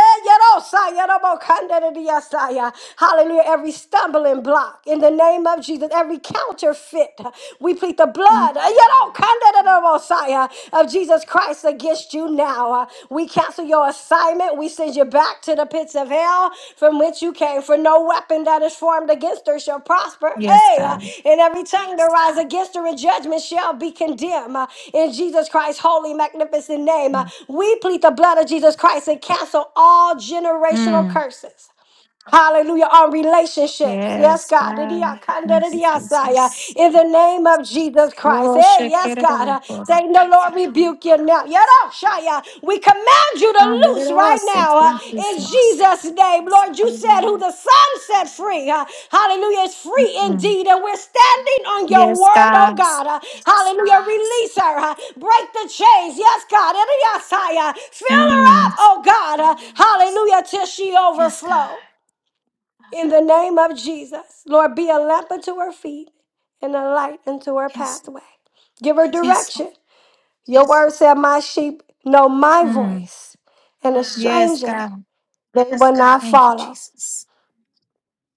[SPEAKER 2] oh, sigh, yeah, no more, kinda to the yes, sigh, yeah. Hallelujah. Every stumbling block in the name of Jesus, every counterfeit. We plead the
[SPEAKER 6] Mm,
[SPEAKER 2] blood uh, yeah, oh, kinda to the most, sigh, yeah, of Jesus Christ against against you now. Uh, We cancel your assignment. We send you back to the pits of hell from which you came. For no weapon that is formed against her shall prosper.
[SPEAKER 6] yes,
[SPEAKER 2] Hey, uh,
[SPEAKER 6] God.
[SPEAKER 2] and every tongue that rise against her in judgment shall be condemned. Uh, In Jesus Christ's holy, magnificent name, uh,
[SPEAKER 6] Mm,
[SPEAKER 2] we plead the blood of Jesus Christ and cancel all generational
[SPEAKER 6] Mm,
[SPEAKER 2] curses. Hallelujah. On relationships. Yes,
[SPEAKER 6] yes,
[SPEAKER 2] God.
[SPEAKER 6] God. Thank you,
[SPEAKER 2] Didiakandadidiasaya.
[SPEAKER 6] Jesus.
[SPEAKER 2] In the name of Jesus Christ.
[SPEAKER 6] Oh,
[SPEAKER 2] Hey,
[SPEAKER 6] shake
[SPEAKER 2] yes,
[SPEAKER 6] it up,
[SPEAKER 2] God. Uh,
[SPEAKER 6] Lord.
[SPEAKER 2] Satan, the Lord rebuke you now. Yadoshaya. We command you to loose right now uh, in Jesus' name. Lord, you said who
[SPEAKER 6] Hallelujah.
[SPEAKER 2] the Son set free. uh, hallelujah. Is free
[SPEAKER 6] Mm.
[SPEAKER 2] indeed. And we're standing on your
[SPEAKER 6] Yes,
[SPEAKER 2] word, oh
[SPEAKER 6] God.
[SPEAKER 2] God. Uh, hallelujah. Release her. uh, break the chains. Yes, God. Didiasaya. Fill her up,
[SPEAKER 6] Mm.
[SPEAKER 2] oh God. Uh, hallelujah. Till she
[SPEAKER 6] Yes, God.
[SPEAKER 2] overflows. In the name of Jesus, Lord, be a lamp unto her feet and a light unto her
[SPEAKER 6] Yes,
[SPEAKER 2] pathway. Give her
[SPEAKER 6] yes, Lord.
[SPEAKER 2] direction. Your word said, My sheep know my
[SPEAKER 6] Mm.
[SPEAKER 2] voice, and a
[SPEAKER 6] Yes,
[SPEAKER 2] stranger
[SPEAKER 6] God.
[SPEAKER 2] they will not
[SPEAKER 6] Thank you,
[SPEAKER 2] follow.
[SPEAKER 6] Jesus.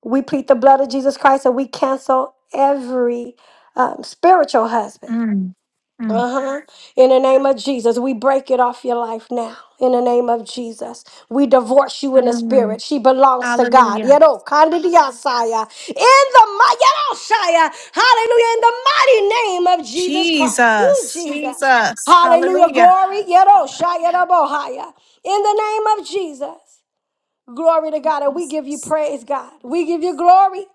[SPEAKER 2] We plead the blood of Jesus Christ and we cancel every um, spiritual husband
[SPEAKER 6] Mm. Mm.
[SPEAKER 2] Uh huh. In the name of Jesus, we break it off your life now. In the name of Jesus, we divorce you in the
[SPEAKER 6] Mm.
[SPEAKER 2] spirit. She belongs to God.
[SPEAKER 6] Hallelujah.
[SPEAKER 2] Yero, kandidiasaya. In the mi- yeroshaya. hallelujah, in the mighty name of Jesus Christ. Ooh,
[SPEAKER 6] Jesus.
[SPEAKER 2] Jesus.
[SPEAKER 6] Jesus.
[SPEAKER 2] Hallelujah.
[SPEAKER 6] Hallelujah.
[SPEAKER 2] Glory. yeroshaya, rabohaya. In the name of Jesus. Glory to God. And we give you
[SPEAKER 6] Jesus.
[SPEAKER 2] praise, God. We give you glory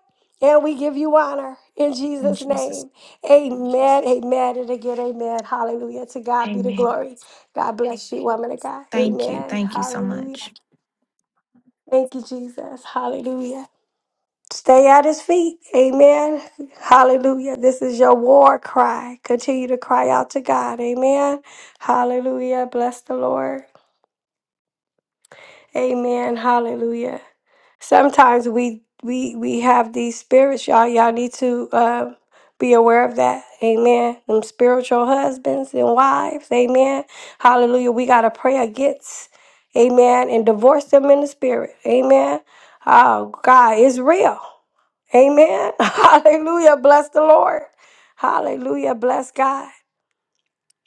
[SPEAKER 2] and we give you honor in
[SPEAKER 6] And
[SPEAKER 2] Jesus'
[SPEAKER 6] Jesus.
[SPEAKER 2] name. Amen. Amen. And again, amen. Hallelujah. To God be the
[SPEAKER 6] Amen.
[SPEAKER 2] glory. God bless you, woman of God.
[SPEAKER 6] Thank you.
[SPEAKER 2] Amen.
[SPEAKER 6] Thank you so
[SPEAKER 2] Hallelujah.
[SPEAKER 6] much.
[SPEAKER 2] Thank you, Jesus. Hallelujah. Stay at his feet. Amen. Hallelujah. This is your war cry. Continue to cry out to God. Amen. Hallelujah. Bless the Lord. Amen. Hallelujah. sometimes we we we have these spirits y'all y'all need to uh, be aware of that amen them spiritual husbands and wives amen hallelujah we got to pray against amen and divorce them in the spirit amen oh god it's real amen *laughs* hallelujah bless the lord hallelujah bless god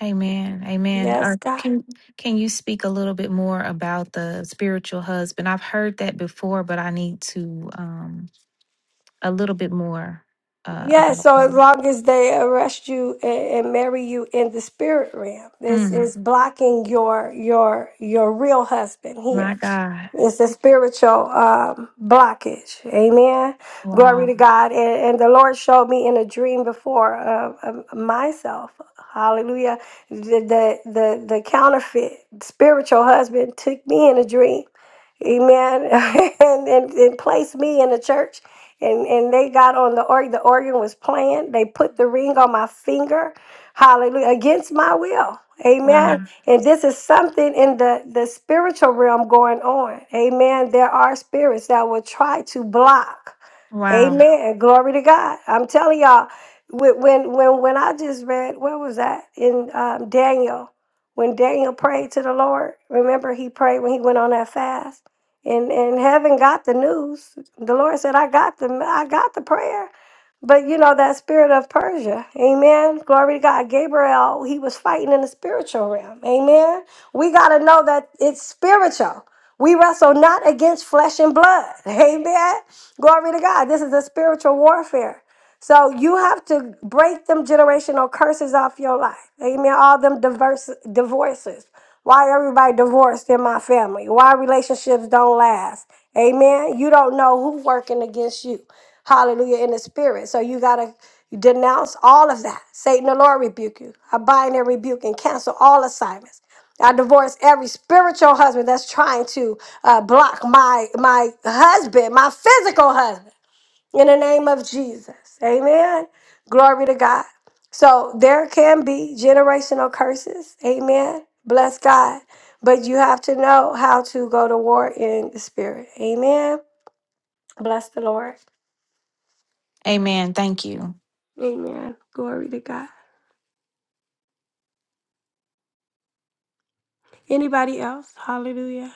[SPEAKER 6] Amen. Amen.
[SPEAKER 2] yes
[SPEAKER 6] Or can can you speak a little bit more about the spiritual husband? I've heard that before, but I need to um a little bit more uh,
[SPEAKER 2] Yeah,
[SPEAKER 6] about
[SPEAKER 2] so as
[SPEAKER 6] them.
[SPEAKER 2] long as they arrest you and, and marry you in the spirit realm, this
[SPEAKER 6] Mm,
[SPEAKER 2] is blocking your your your real husband here.
[SPEAKER 6] my God.
[SPEAKER 2] It's a spiritual um, blockage. Amen. Glory to
[SPEAKER 6] Wow.
[SPEAKER 2] God. And, and the Lord showed me in a dream before uh, um, myself. Hallelujah. The, the, the, the counterfeit spiritual husband took me in a dream. Amen. *laughs* and, and, and placed me in a church. And, and they got on the organ. The organ was playing. They put the ring on my finger. Hallelujah. Against my will.
[SPEAKER 6] Wow.
[SPEAKER 2] Amen. And this is something in the, the spiritual realm going on. Amen. There are spirits that will try to block.
[SPEAKER 6] Wow.
[SPEAKER 2] Amen. Glory to God. I'm telling y'all, when when when, when I just read, where was that? In um, Daniel. When Daniel prayed to the Lord, remember he prayed when he went on that fast. And and heaven got the news. The Lord said, I got the I got the prayer. But you know, that spirit of Persia, amen. Glory to God. Gabriel, he was fighting in the spiritual realm, amen. We got to know that it's spiritual. We wrestle not against flesh and blood, *laughs* amen. Glory to God. This is a spiritual warfare. So you have to break them generational curses off your life, amen. All them diverse divorces. Why everybody divorced in my family? Why relationships don't last? Amen. You don't know who working against you. Hallelujah in the spirit. So you gotta denounce all of that. Satan, the Lord rebuke you. I bind and rebuke and cancel all assignments. I divorce every spiritual husband that's trying to uh, block my my husband, my physical husband, in the name of Jesus. Amen. Glory to God. So there can be generational curses. Amen. Bless God. But you have to know how to go to war in the spirit. Amen. Bless the Lord.
[SPEAKER 6] Amen. Thank you.
[SPEAKER 2] Amen. Glory to God. Anybody else? Hallelujah.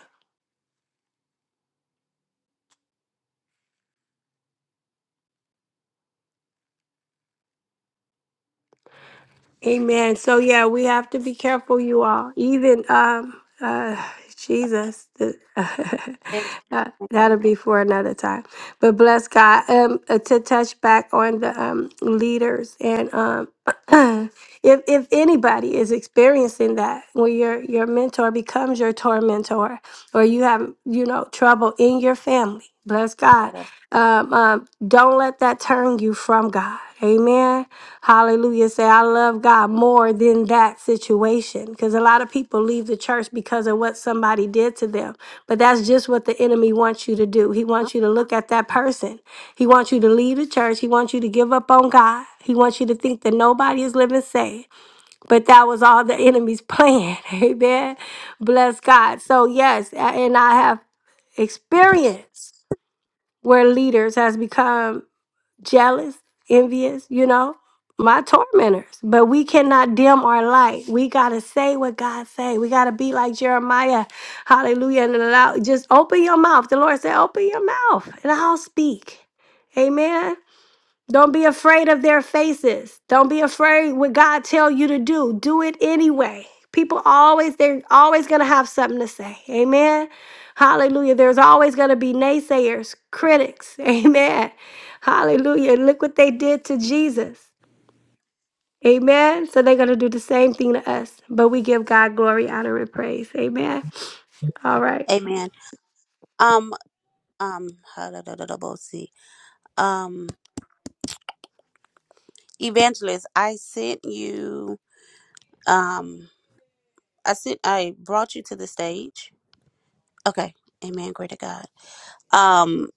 [SPEAKER 2] Amen. So yeah, we have to be careful, you all. Even um, uh, Jesus, the- *laughs*
[SPEAKER 3] And-
[SPEAKER 2] that- that'll be for another time. But bless God. Um, uh, to touch back on the um leaders and um, *clears throat* if if anybody is experiencing that, when your your mentor becomes your tormentor, or you have you know trouble in your family, bless God. Um, um, don't let that turn you from God. Amen Hallelujah. Say, I love God more than that situation. Because a lot of people leave the church because of what somebody did to them. But that's just what the enemy wants you to do. He wants you to look at that person. He wants you to leave the church. He wants you to give up on God. He wants you to think that nobody is living saved. But that was all the enemy's plan. *laughs* Amen. Bless God. So, yes, and I have experience where leaders has become jealous, envious, you know, my tormentors. But we cannot dim our light. We gotta say what God say. We gotta be like Jeremiah. Hallelujah. And allow just open your mouth. The Lord said, Open your mouth and I'll speak. Amen. Don't be afraid of their faces. Don't be afraid what God tell you to do. Do it anyway. People always they're always going to have something to say. Amen. Hallelujah. There's always going to be naysayers, critics. *laughs* Amen. Hallelujah. Look what they did to Jesus. Amen. So they're going to do the same thing to us, but we give God glory, honor, and praise. Amen. All right.
[SPEAKER 3] Amen. Um, um, *laughs* see. Um, Evangelist, I sent you um I sent I brought you to the stage. Okay. Amen. Great to God. Um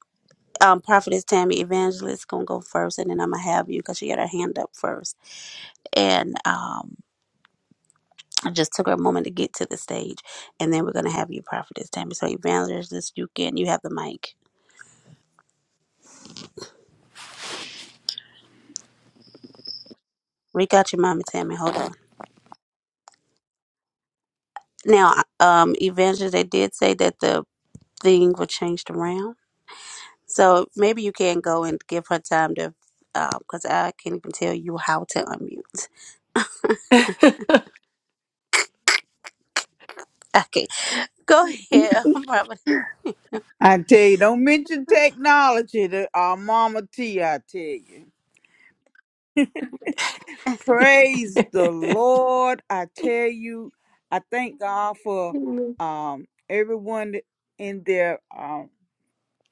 [SPEAKER 3] um Prophetess Tammy Evangelist gonna go first and then I'm gonna have you because she had her hand up first. And um I just took her a moment to get to the stage and then we're gonna have you Prophetess Tammy. So Evangelist, you can you have the mic. Reach out your mama Tammy, hold on. Now um Evangelist they did say that the thing was changed around. So maybe you can go and give her time to, because I can't even tell you how to unmute. *laughs* Okay, go ahead, *laughs* Robert.
[SPEAKER 7] I tell you, don't mention technology to our Mama T. I tell you, praise the Lord. I tell you, I thank God for
[SPEAKER 2] Amen.
[SPEAKER 7] um, everyone in their um,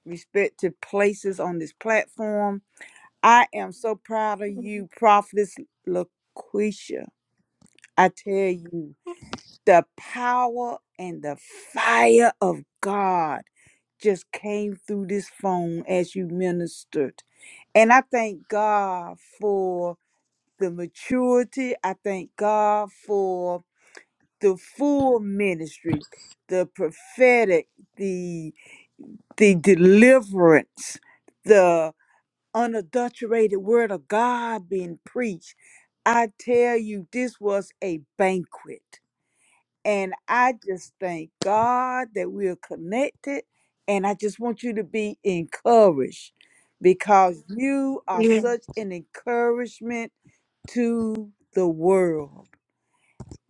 [SPEAKER 7] respective places on this platform. I am so proud of you, Prophetess LaQuisha. I tell you. the power and the fire of God just came through this phone as you ministered. And I thank God for the maturity. I thank God for the full ministry, the prophetic, the the deliverance, the unadulterated word of God being preached. I tell you, this was a banquet. And I just thank God that we are connected. And I just want you to be encouraged because you are
[SPEAKER 2] Yeah.
[SPEAKER 7] such an encouragement to the world.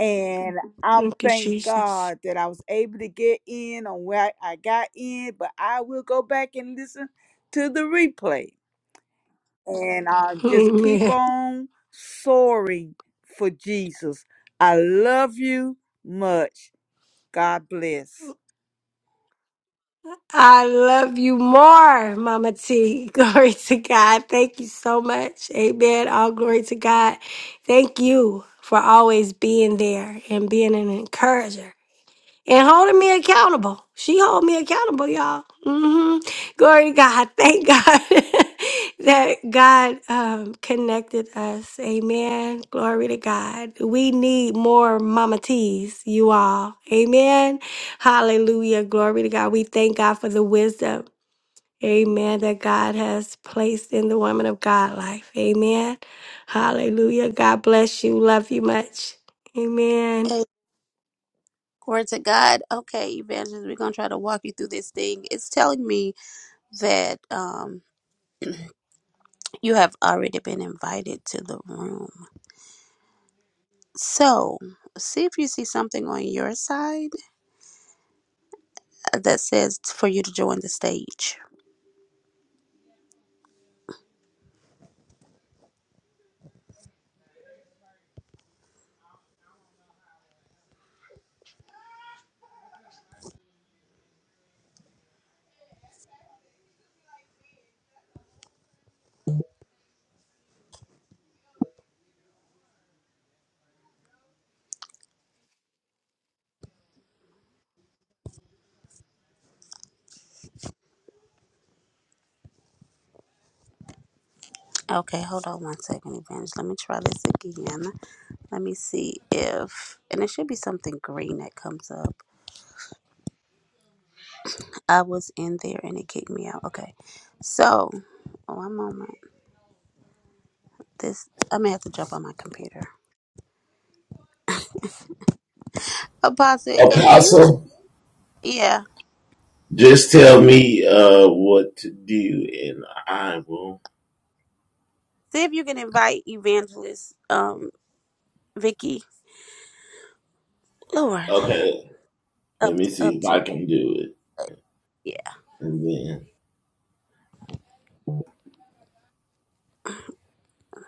[SPEAKER 7] And I'm
[SPEAKER 2] Thank you,
[SPEAKER 7] thank
[SPEAKER 2] Jesus.
[SPEAKER 7] God that I was able to get in on where I got in, but I will go back and listen to the replay. And I
[SPEAKER 2] *laughs*
[SPEAKER 7] just
[SPEAKER 2] Amen.
[SPEAKER 7] keep on soaring for Jesus. I love you much God bless.
[SPEAKER 2] I love you more, Mama T. *laughs* Glory to God. Thank you so much. Amen. All glory to God. Thank you for always being there and being an encourager and holding me accountable. She hold me accountable, y'all. hmm Glory to God. Thank God *laughs* that God um, connected us. Amen. Glory to God. We need more Mama T's, you all. Amen. Hallelujah. Glory to God. We thank God for the wisdom. Amen. That God has placed in the woman of God life. Amen. Hallelujah. God bless you. Love you much. Amen.
[SPEAKER 3] Hey, glory to God. Okay, evangelist, we're gonna try to walk you through this thing. It's telling me that um you have already been invited to the room. So, see if you see something on your side that says for you to join the stage. Okay, hold on one second, Evangelist. Let me try this again. Let me see if, and it should be something green that comes up. I was in there and it kicked me out. Okay, so one moment. This I may have to jump on my computer. Apostle, if you, yeah, see if you can invite Evangelist, um, Vicky, Lord, up up to, yeah,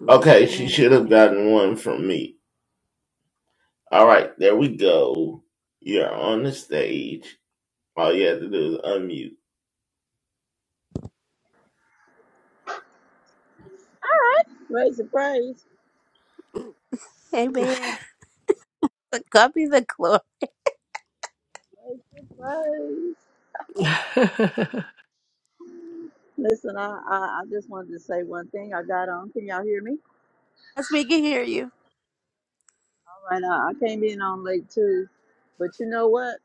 [SPEAKER 3] man, man,
[SPEAKER 8] Raise the praise.
[SPEAKER 3] amen. God be the glory.
[SPEAKER 8] Raise the praise.
[SPEAKER 2] *laughs*
[SPEAKER 8] Listen, I, I, I just wanted to say one thing. I got on. Can y'all hear me?
[SPEAKER 3] Yes, *laughs* we can hear you.
[SPEAKER 8] All right. I, I came in on late too. But you know what?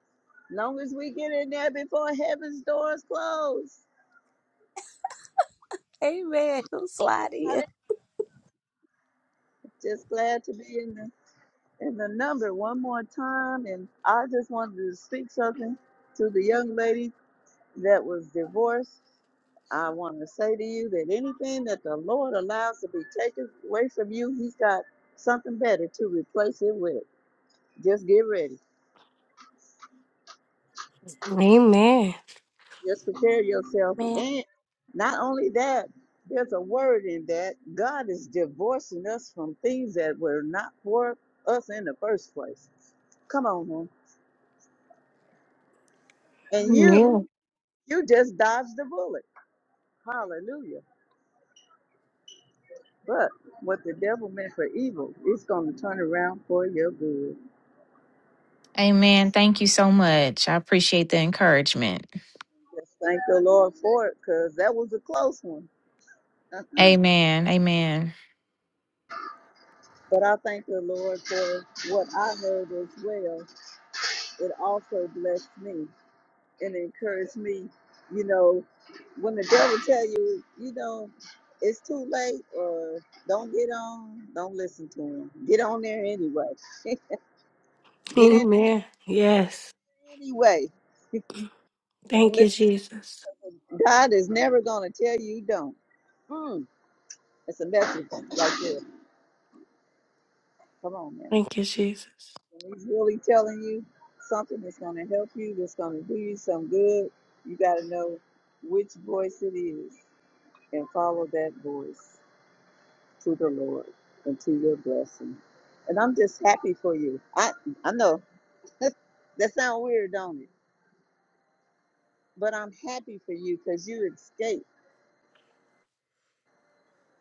[SPEAKER 8] Long as we get in there before heaven's doors close.
[SPEAKER 3] Amen. Who slide
[SPEAKER 8] Got
[SPEAKER 3] in?
[SPEAKER 8] it? Just glad to be in the in the number one more time. And I just wanted to speak something to the young lady that was divorced I want to say to you that anything that the Lord allows to be taken away from you, He's got something better to replace it with. Just get ready.
[SPEAKER 2] Amen.
[SPEAKER 8] Just prepare yourself.
[SPEAKER 3] Man.
[SPEAKER 8] And not only that, there's a word in that God is divorcing us from things that were not for us in the first place. Come on, man. And
[SPEAKER 2] Amen.
[SPEAKER 8] you, you just dodged the bullet. Hallelujah. But what the devil meant for evil is going to turn around for your good.
[SPEAKER 6] Amen. Thank you so much. I appreciate the encouragement.
[SPEAKER 8] Just thank the Lord for it, cause that was a close one. Uh-uh.
[SPEAKER 6] Amen. Amen.
[SPEAKER 8] But I thank the Lord for what I heard as well. It also blessed me and encouraged me. You know, when the devil tell you, you know, it's too late, or don't get on, don't listen to him. Get on there anyway. Get in
[SPEAKER 2] Amen. Yes.
[SPEAKER 8] there anyway. Don't
[SPEAKER 2] Thank you,
[SPEAKER 8] listen.
[SPEAKER 2] Jesus.
[SPEAKER 8] God is never gonna tell you don't. Mm, it's a message right there. Come on, man.
[SPEAKER 2] Thank you, Jesus. *clears throat*
[SPEAKER 8] When he's really telling you something that's going to help you, that's going to do you some good, you got to know which voice it is and follow that voice to the Lord and to your blessing. And I'm just happy for you. I I know *laughs* that sounds weird, don't it? But I'm happy for you because you escaped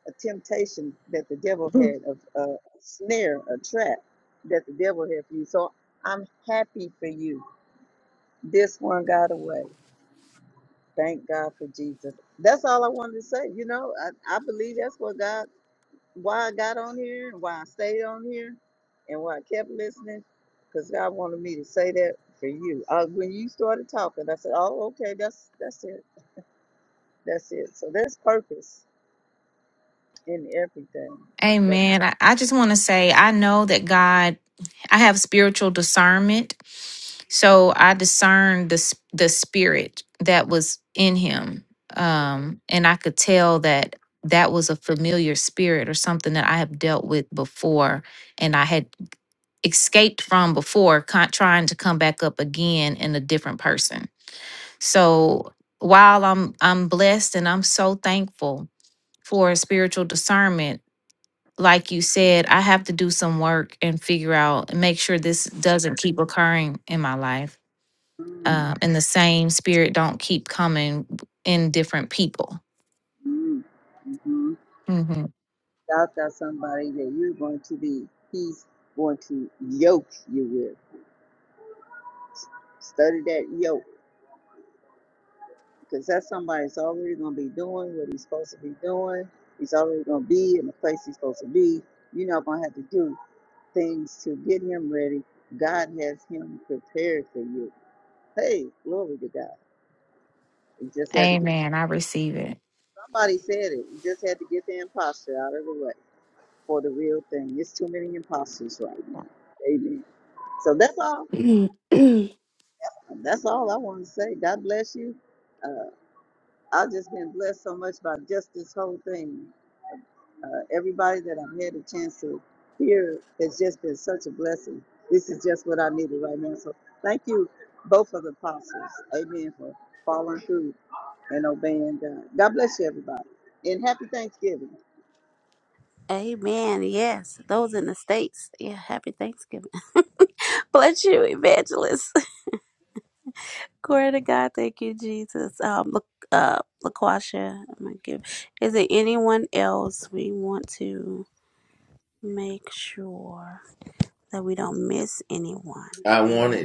[SPEAKER 8] a temptation that the devil had, a, a snare, a trap that the devil had for you. So I'm happy for you. This one got away Thank God for Jesus. That's all I wanted to say. You know, I, I believe that's what God, why I got on here and why I stayed on here and why I kept listening, because God wanted me to say that for you. Uh, when you started talking, I said, oh, okay, that's that's it. That's it. So there's purpose in everything. That's
[SPEAKER 6] Amen. I, I just want to say I know that God, I have spiritual discernment. So I discerned the, s- the spirit that was in him. Um, and I could tell that that was a familiar spirit or something that I have dealt with before and I had escaped from before, con- trying to come back up again in a different person. So while I'm I'm blessed and I'm so thankful for spiritual discernment, like you said, I have to do some work and figure out and make sure this doesn't keep occurring in my life.
[SPEAKER 8] mm,
[SPEAKER 6] Um, and the same spirit don't keep coming in different people.
[SPEAKER 8] mm, hmm
[SPEAKER 6] hmm
[SPEAKER 8] God got somebody that you're going to be, he's going to yoke you with. Study that yoke because that somebody's already going to be doing what he's supposed to be doing. He's already going to be in the place he's supposed to be. You're not going to have to do things to get him ready. God has him prepared for you. Hey, glory to God. You just had to get,
[SPEAKER 6] Amen. I receive it.
[SPEAKER 8] somebody said it, you just had to get the imposter out of the way for the real thing. It's too many imposters right now. Amen. So that's all.
[SPEAKER 2] Mm.
[SPEAKER 8] That's all I want to say. God bless you. Uh, I've just been blessed so much by just this whole thing. uh, everybody that I've had a chance to hear has just been such a blessing. This is just what I needed right now. So thank you, both of the apostles. Amen for following through and obeying God. God bless you, everybody. And happy Thanksgiving.
[SPEAKER 3] Amen. Yes. Those in the States. Yeah. Happy Thanksgiving. *laughs* Bless you, evangelist. *laughs* Glory to God. Thank you, Jesus. Um, look, uh, LaQuasha, I'm gonna give. Is there anyone else we want to make sure that we don't miss anyone? Amen.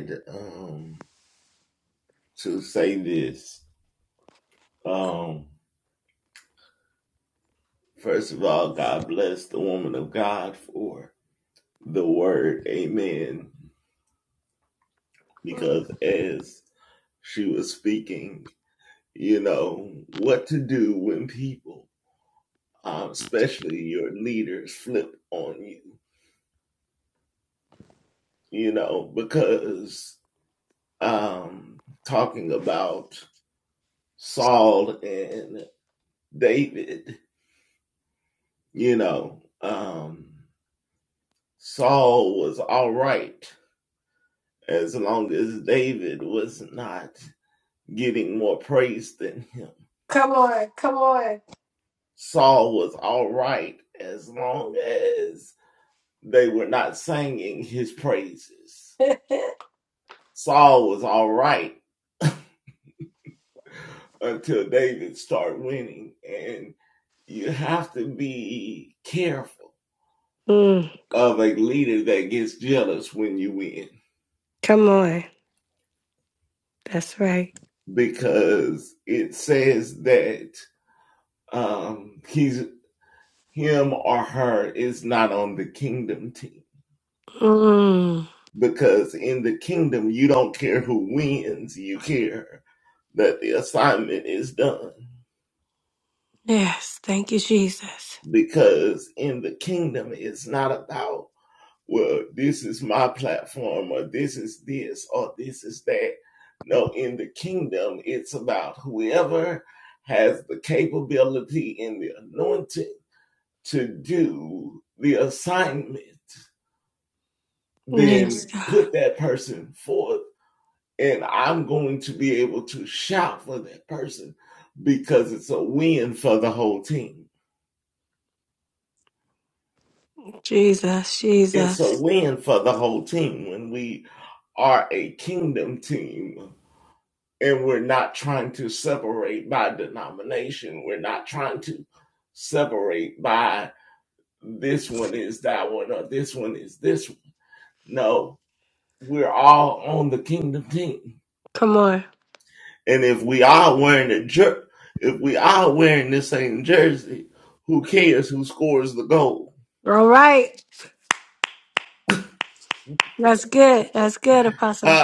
[SPEAKER 2] Come on, come on. Mm. Come on. That's right. Mm. Yes. Thank you, Jesus. Yes, God. Jesus, Jesus. Come on. All right. That's good. That's good, Apostle.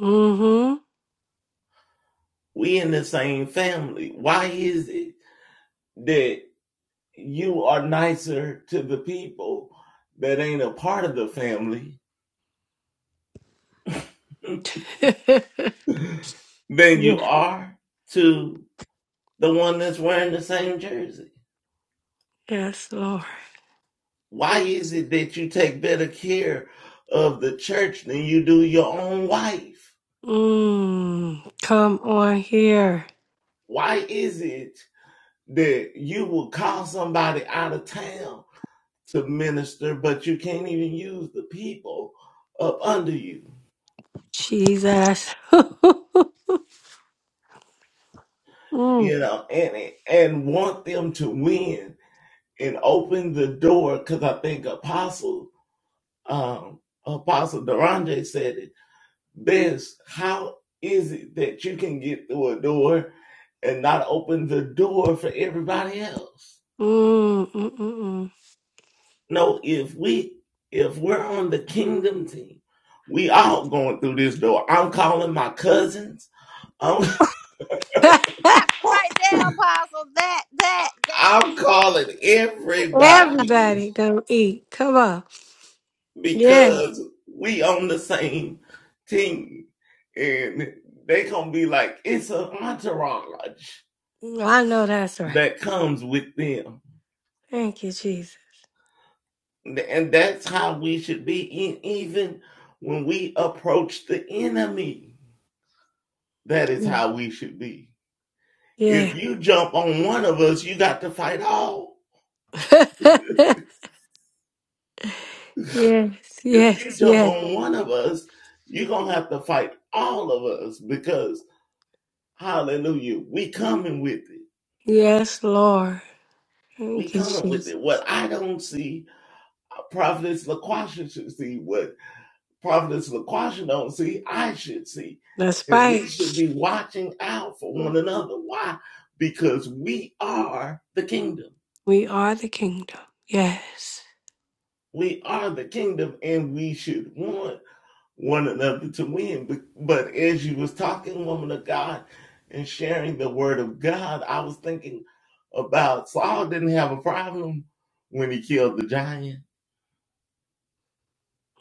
[SPEAKER 2] Mm-hmm. Yeah. Yes, Lord. Mm. Come on here. Jesus. *laughs* Mm. Mm, mm, mm, mm.
[SPEAKER 3] That right there, Apostle. That, that, that.
[SPEAKER 2] *laughs*
[SPEAKER 3] Eh,
[SPEAKER 2] Everybody gonna eat. Come on. Yeah. I know that's right. Thank you, Jesus. Mm. Yeah. *laughs* yes, yes, yes. Yes, Lord. Thank you, Jesus. That's right. We are the kingdom. Yes.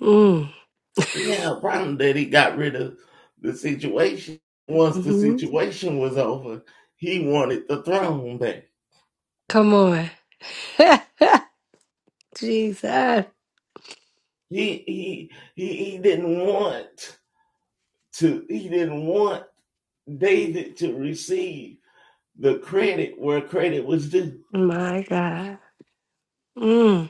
[SPEAKER 2] Mm. hmm Come on. *laughs* Jesus. My God. Mm.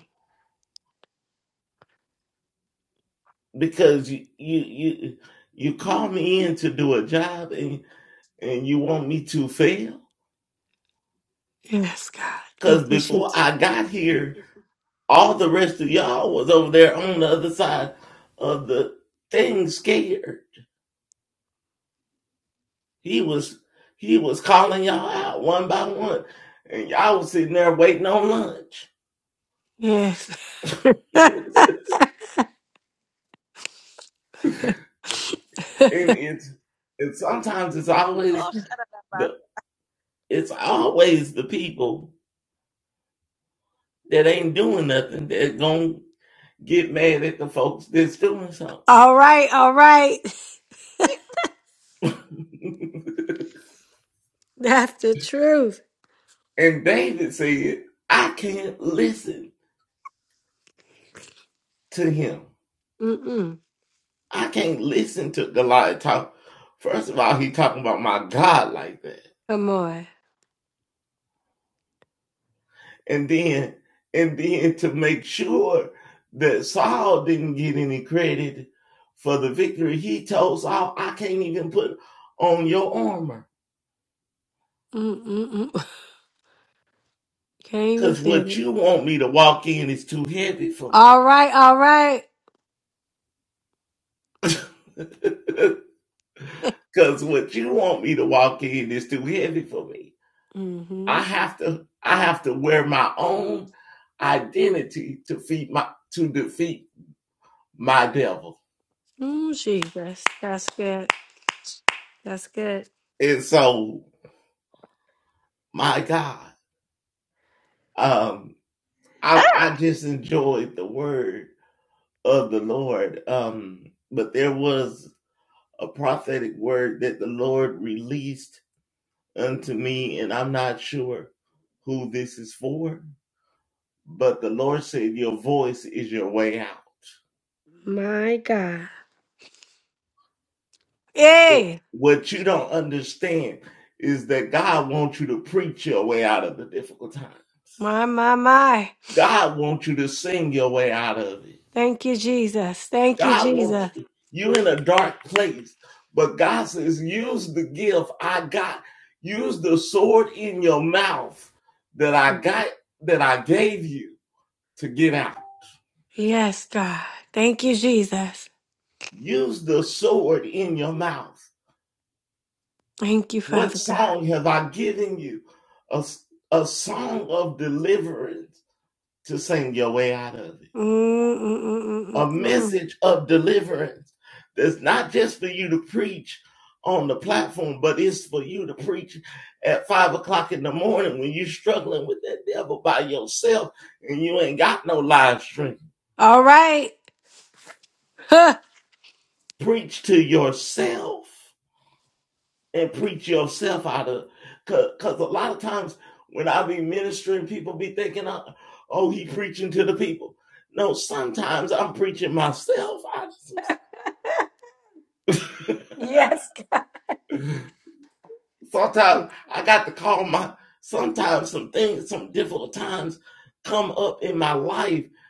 [SPEAKER 2] Yes, God. Thank you. Yes.
[SPEAKER 3] Oh, shut up. Apostle.
[SPEAKER 2] All right. All right. That's the truth. Mm-mm. Come on. Mm-mm-mm. *laughs* Can't even feel it. All right, all right. *laughs* mm-hmm. Mm, Jesus. That's good. That's good. My God. Yay! My, my, my. Thank you, Jesus. Thank you, Jesus. Yes, God. Thank you, Jesus. Thank you, Father God. Mm-mm-mm-mm-mm. All right. *laughs* Huh. Yes.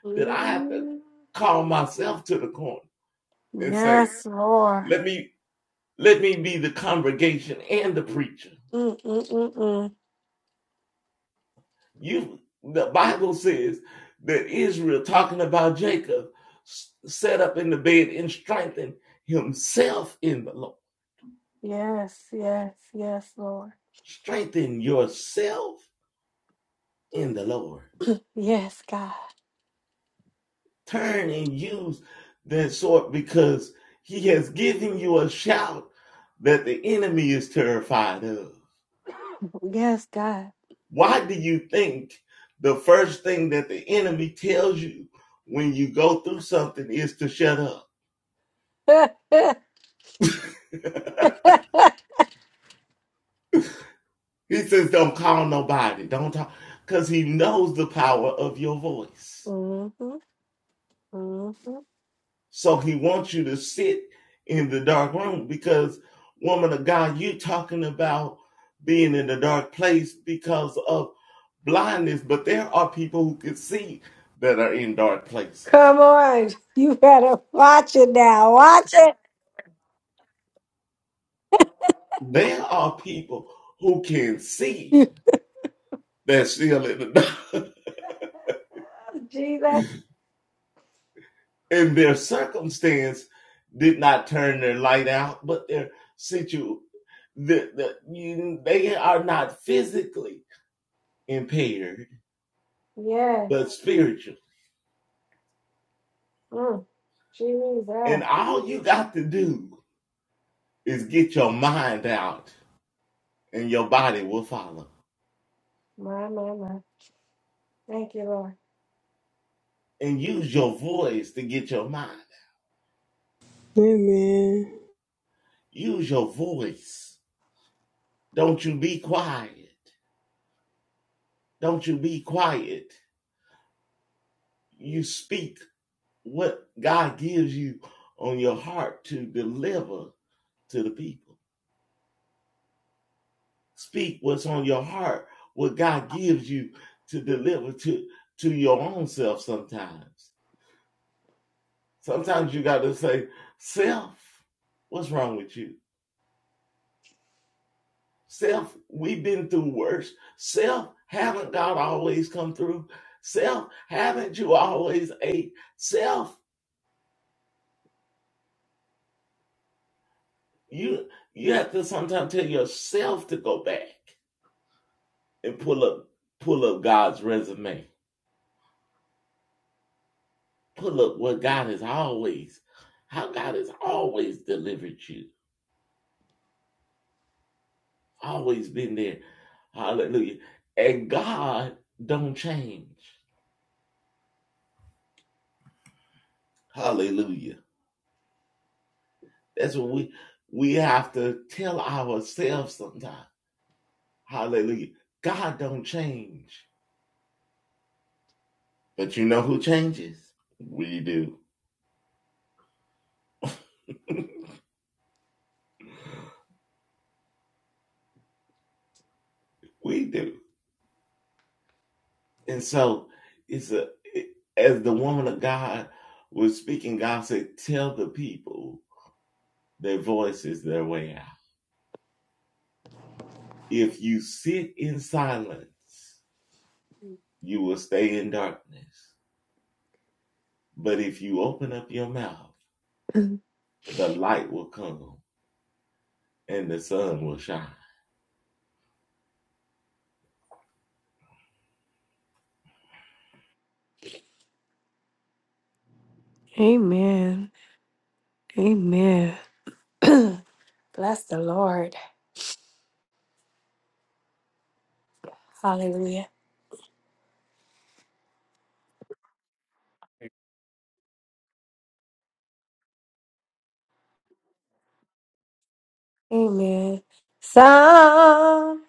[SPEAKER 2] Mm. Yes, Lord. Mm, mm, mm, mm. Yes, yes, yes, Lord. Yes, God. Yes, God. *laughs* hmm hmm Come on. *laughs* You better watch it now. Watch it. *laughs* You- Jesus. Yes. Mm. Jesus. My, my, my. Thank you, Lord.
[SPEAKER 5] Amen.
[SPEAKER 2] Amen. Amen. *clears throat* Bless the Lord. Hallelujah. Amen. Sometimes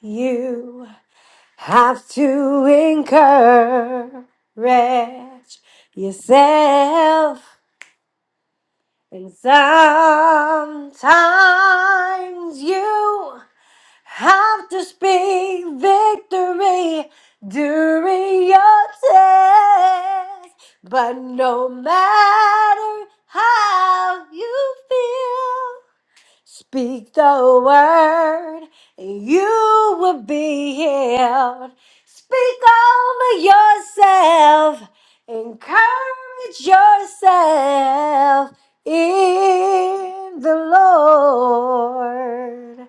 [SPEAKER 2] you have to encourage yourself, and sometimes you have to speak victory during your test. But no matter how you feel, Speak the word, and you will be healed. Speak over yourself, encourage yourself in the Lord.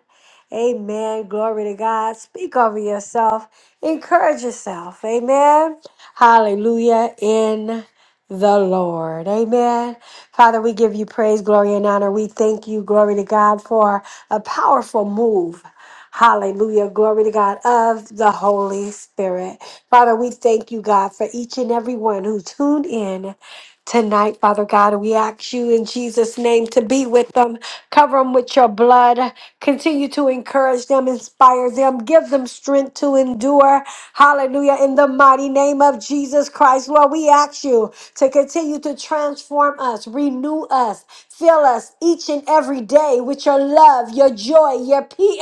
[SPEAKER 2] Amen. Glory to God. Speak over yourself, encourage yourself. Amen. Hallelujah in the Lord. Amen. Father, we give you praise, glory, and honor. We thank you, glory to God, for a powerful move. Hallelujah. Glory to God of the Holy Spirit. Father, we thank you, God, for each and every one who tuned in tonight, Father God. We ask you in Jesus' name to be with them, cover them with your blood, continue to encourage them, inspire them, give them strength to endure. Hallelujah. In the mighty name of Jesus Christ, Lord, we ask you to continue to transform us, renew us. Fill us each and every day with your love, your joy, your peace.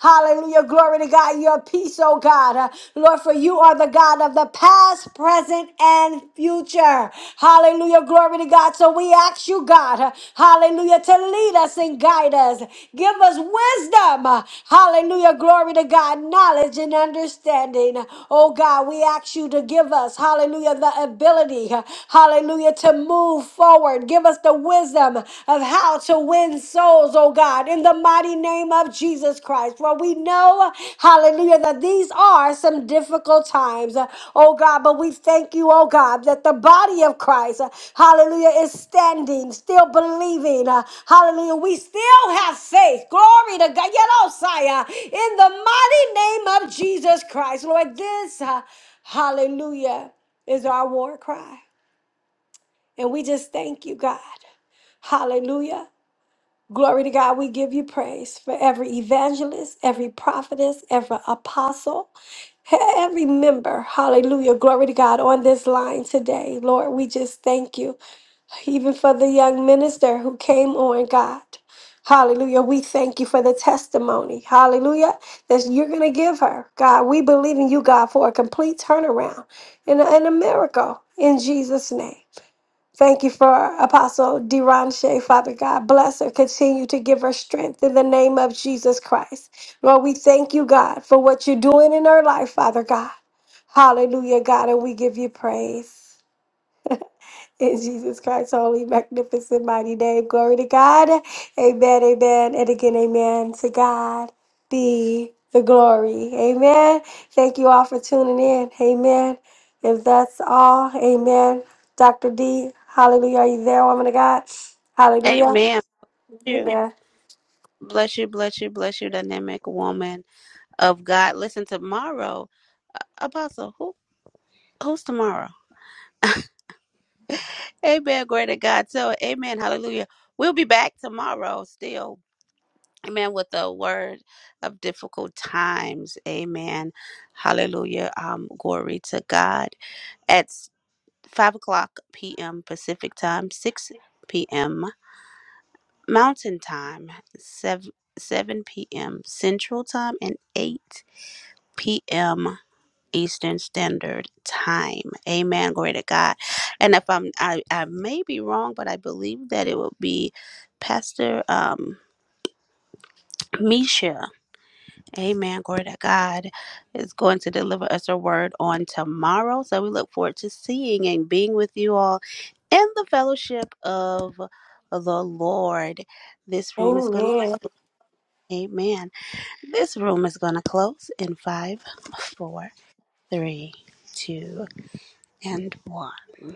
[SPEAKER 2] Hallelujah. Glory to God. Your peace, oh God. Uh, Lord, for you are the God of the past, present, and future. Hallelujah. Glory to God. So we ask you, God, uh, hallelujah, to lead us and guide us. Give us wisdom. Uh, Hallelujah. Glory to God. Knowledge and understanding. Oh God, we ask you to give us, hallelujah, the ability. uh, Hallelujah hallelujah, to move forward. Give us the wisdom of how to win souls, oh God, in the mighty name of Jesus Christ. For we know, hallelujah, that these are some difficult times, uh, oh God, but we thank you, oh God, that the body of Christ, uh, hallelujah, is standing, still believing, uh, hallelujah. We still have faith. Glory to God, Yedosai, uh, in the mighty name of Jesus Christ, Lord. This, uh, hallelujah, is our war cry. And we just thank you, God. Hallelujah. Glory to God. We give you praise for every evangelist, every prophetess, every apostle, every member. Hallelujah. Glory to God on this line today. Lord, we just thank you. Even for the young minister who came on, God. Hallelujah. We thank you for the testimony. Hallelujah. That you're going to give her. God, we believe in you, God, for a complete turnaround and a, and a miracle in Jesus' name. Thank you for Apostle Deron Shea, Father God. Bless her. Continue to give her strength in the name of Jesus Christ. Lord, we thank you, God, for what you're doing in her life, Father God. Hallelujah, God, and we give you praise. In Jesus Christ's holy, magnificent, mighty name. Glory to God. Amen, amen. And again, amen. To God be the glory. Amen. Thank you all for tuning in. Amen. If that's all, amen. Dr. D, hallelujah. Are you there, woman of God? Hallelujah.
[SPEAKER 3] Amen. Bless you.
[SPEAKER 2] Amen.
[SPEAKER 3] Bless you, bless you, bless you, dynamic woman of God. Listen, tomorrow, uh, Apostle, who who's tomorrow? Amen. Glory to God. So, amen. Hallelujah. We'll be back tomorrow still. Amen. With the word of difficult times. Amen. Hallelujah. Um, glory to God. At 5 o'clock p.m. Pacific Time, 6 p.m. Mountain Time, 7, 7 p.m. Central Time, and 8 p.m. Eastern Standard Time. Amen. Glory to God. And if I'm, I, I may be wrong, but I believe that it will be Pastor um, Misha. Amen. Glory to God is going to deliver us a word on tomorrow. So we look forward to seeing and being with you all in the fellowship of the Lord. This room is going
[SPEAKER 2] Amen.
[SPEAKER 3] to, amen. This room is going to close in five, four, three, two, and one.